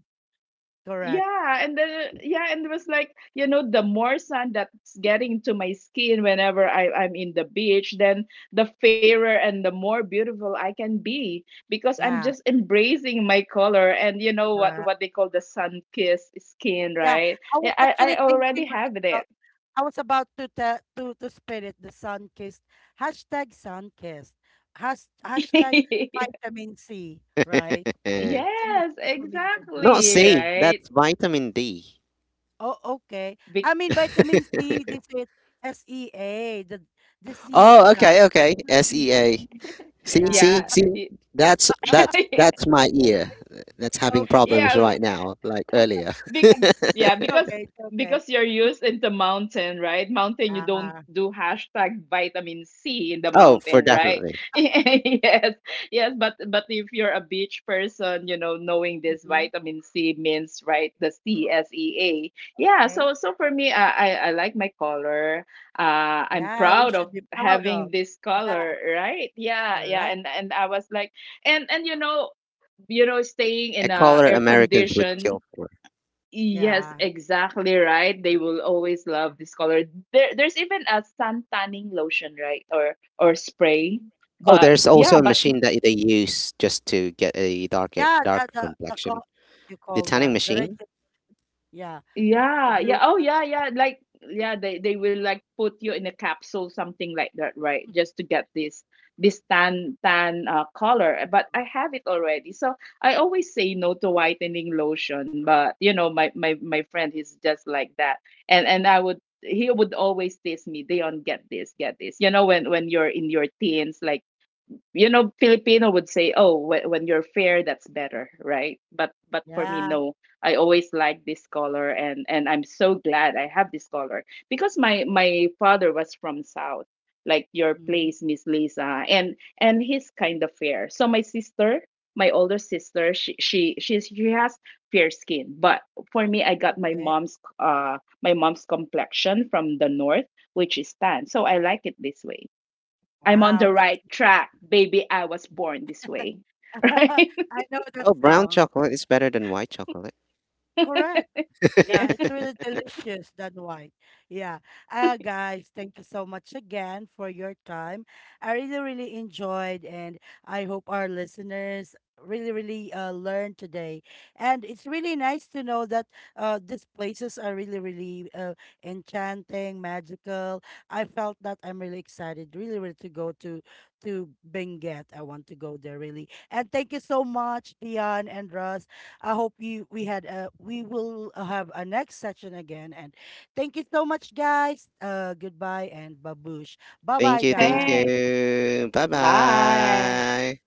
Speaker 1: Correct.
Speaker 2: Yeah, and then yeah, and it was like, you know, the more sun that's getting into my skin whenever I'm in the beach, then the fairer and the more beautiful I can be because I'm
Speaker 1: Yeah.
Speaker 2: just embracing my color, and you know what
Speaker 1: Correct.
Speaker 2: they call the sun kissed skin,
Speaker 1: Yeah.
Speaker 2: right?
Speaker 1: I was
Speaker 2: Yeah,
Speaker 1: actually
Speaker 2: I
Speaker 1: thinking
Speaker 2: already
Speaker 1: right
Speaker 2: have
Speaker 1: now.
Speaker 2: it.
Speaker 1: I was about to te- to spell it the sun kissed hashtag sun kissed has hashtag
Speaker 2: [laughs]
Speaker 1: vitamin C right.
Speaker 3: [laughs]
Speaker 1: That's in the
Speaker 2: Yes,
Speaker 1: social media
Speaker 3: Not
Speaker 1: doing.
Speaker 2: exactly,
Speaker 3: C, that's
Speaker 2: right?
Speaker 3: vitamin D.
Speaker 1: Oh, okay. I
Speaker 2: Be-
Speaker 1: mean, vitamin C, they say SEA, the C
Speaker 3: Oh,
Speaker 1: itself.
Speaker 3: okay, okay. S
Speaker 1: Vitamin
Speaker 3: E A.
Speaker 1: C.
Speaker 3: See,
Speaker 1: Yeah.
Speaker 3: see,
Speaker 2: yeah.
Speaker 3: see. That's that's
Speaker 2: [laughs]
Speaker 3: my ear. That's having
Speaker 1: Okay. [laughs]
Speaker 3: problems
Speaker 2: Yeah,
Speaker 3: right now, like earlier.
Speaker 2: Bec-
Speaker 3: [laughs]
Speaker 2: yeah,
Speaker 1: Okay. It's okay.
Speaker 2: because you're used in the mountain, right? Mountain, you don't
Speaker 1: Yeah.
Speaker 2: do hashtag vitamin C in the
Speaker 3: Oh, for
Speaker 2: mountain, right?
Speaker 3: definitely.
Speaker 2: [laughs] Yes, yes. But if you're a beach person, you know, knowing this
Speaker 1: Mm-hmm.
Speaker 2: vitamin C means right the sea. Yeah.
Speaker 1: Okay.
Speaker 2: So so for me, I like my color. I'm
Speaker 1: Yeah, we
Speaker 2: proud of
Speaker 1: should be proud
Speaker 2: having
Speaker 1: of.
Speaker 2: this
Speaker 1: Yeah,
Speaker 2: color, right? Yeah, yeah.
Speaker 1: correct.
Speaker 2: And I was like, and you know, staying
Speaker 3: A
Speaker 2: in a
Speaker 3: color
Speaker 2: air
Speaker 3: Americans would kill
Speaker 2: condition.
Speaker 3: for.
Speaker 2: Yes,
Speaker 1: Yeah.
Speaker 2: exactly right. They will always love this color. There, there's even a sun tanning lotion, right? Or spray.
Speaker 1: Mhm.
Speaker 3: Oh,
Speaker 2: But
Speaker 3: there's also
Speaker 2: yeah,
Speaker 3: a
Speaker 2: but
Speaker 3: machine that they use just to get a dark
Speaker 1: Yeah, the
Speaker 3: dark
Speaker 1: the the
Speaker 3: complexion.
Speaker 1: call you
Speaker 3: The
Speaker 1: call
Speaker 3: tanning
Speaker 1: that the red.
Speaker 3: machine.
Speaker 1: Yeah,
Speaker 2: yeah,
Speaker 1: the
Speaker 2: yeah.
Speaker 1: blue.
Speaker 2: Oh, yeah, yeah. Like, yeah, they will like put you in a capsule, something like that, right? Just to get this this tan color. But I have it already, so I always say no to whitening lotion. But you know, my friend is just like that, and I would he would always tease me, Dion, get this, get this. You know, when you're in your teens, like you know filipino would say, oh, when you're fair that's better, right? But for me,
Speaker 1: Yeah.
Speaker 2: no, I always like this color, and I'm so glad I have this color because my father was from south, like your
Speaker 1: Mm-hmm.
Speaker 2: place, Miss Lisa, and he's kind of fair. So my sister, my older sister, she has fair skin, but for me, I got
Speaker 1: Okay.
Speaker 2: my mom's complexion from the north, which is tan, so I like it this way. I'm on
Speaker 1: Wow,
Speaker 2: the
Speaker 1: that's
Speaker 2: right track, baby. I was born this way. [laughs]
Speaker 1: [laughs]
Speaker 2: Right?
Speaker 1: I know that
Speaker 3: Well, brown
Speaker 1: song.
Speaker 3: chocolate is better than white chocolate.
Speaker 1: Correct.
Speaker 3: [laughs]
Speaker 2: Yeah.
Speaker 1: Yeah, it's really delicious than white. Yeah. Guys, thank you so much again for your time. I really, really enjoyed, and I hope our listeners really, really learned today. And it's really nice to know that these places are really, really enchanting, magical. I felt that I'm really excited, really, really to go to Benguet. I want to go there really. And thank you so much, Dion and Russ. I hope you we had we will have a next session again. And thank you so much, guys. Goodbye and babush. Bye
Speaker 3: Thank
Speaker 1: bye,
Speaker 3: you, thank
Speaker 2: Hey,
Speaker 1: guys.
Speaker 3: you. Bye
Speaker 2: bye.
Speaker 3: bye.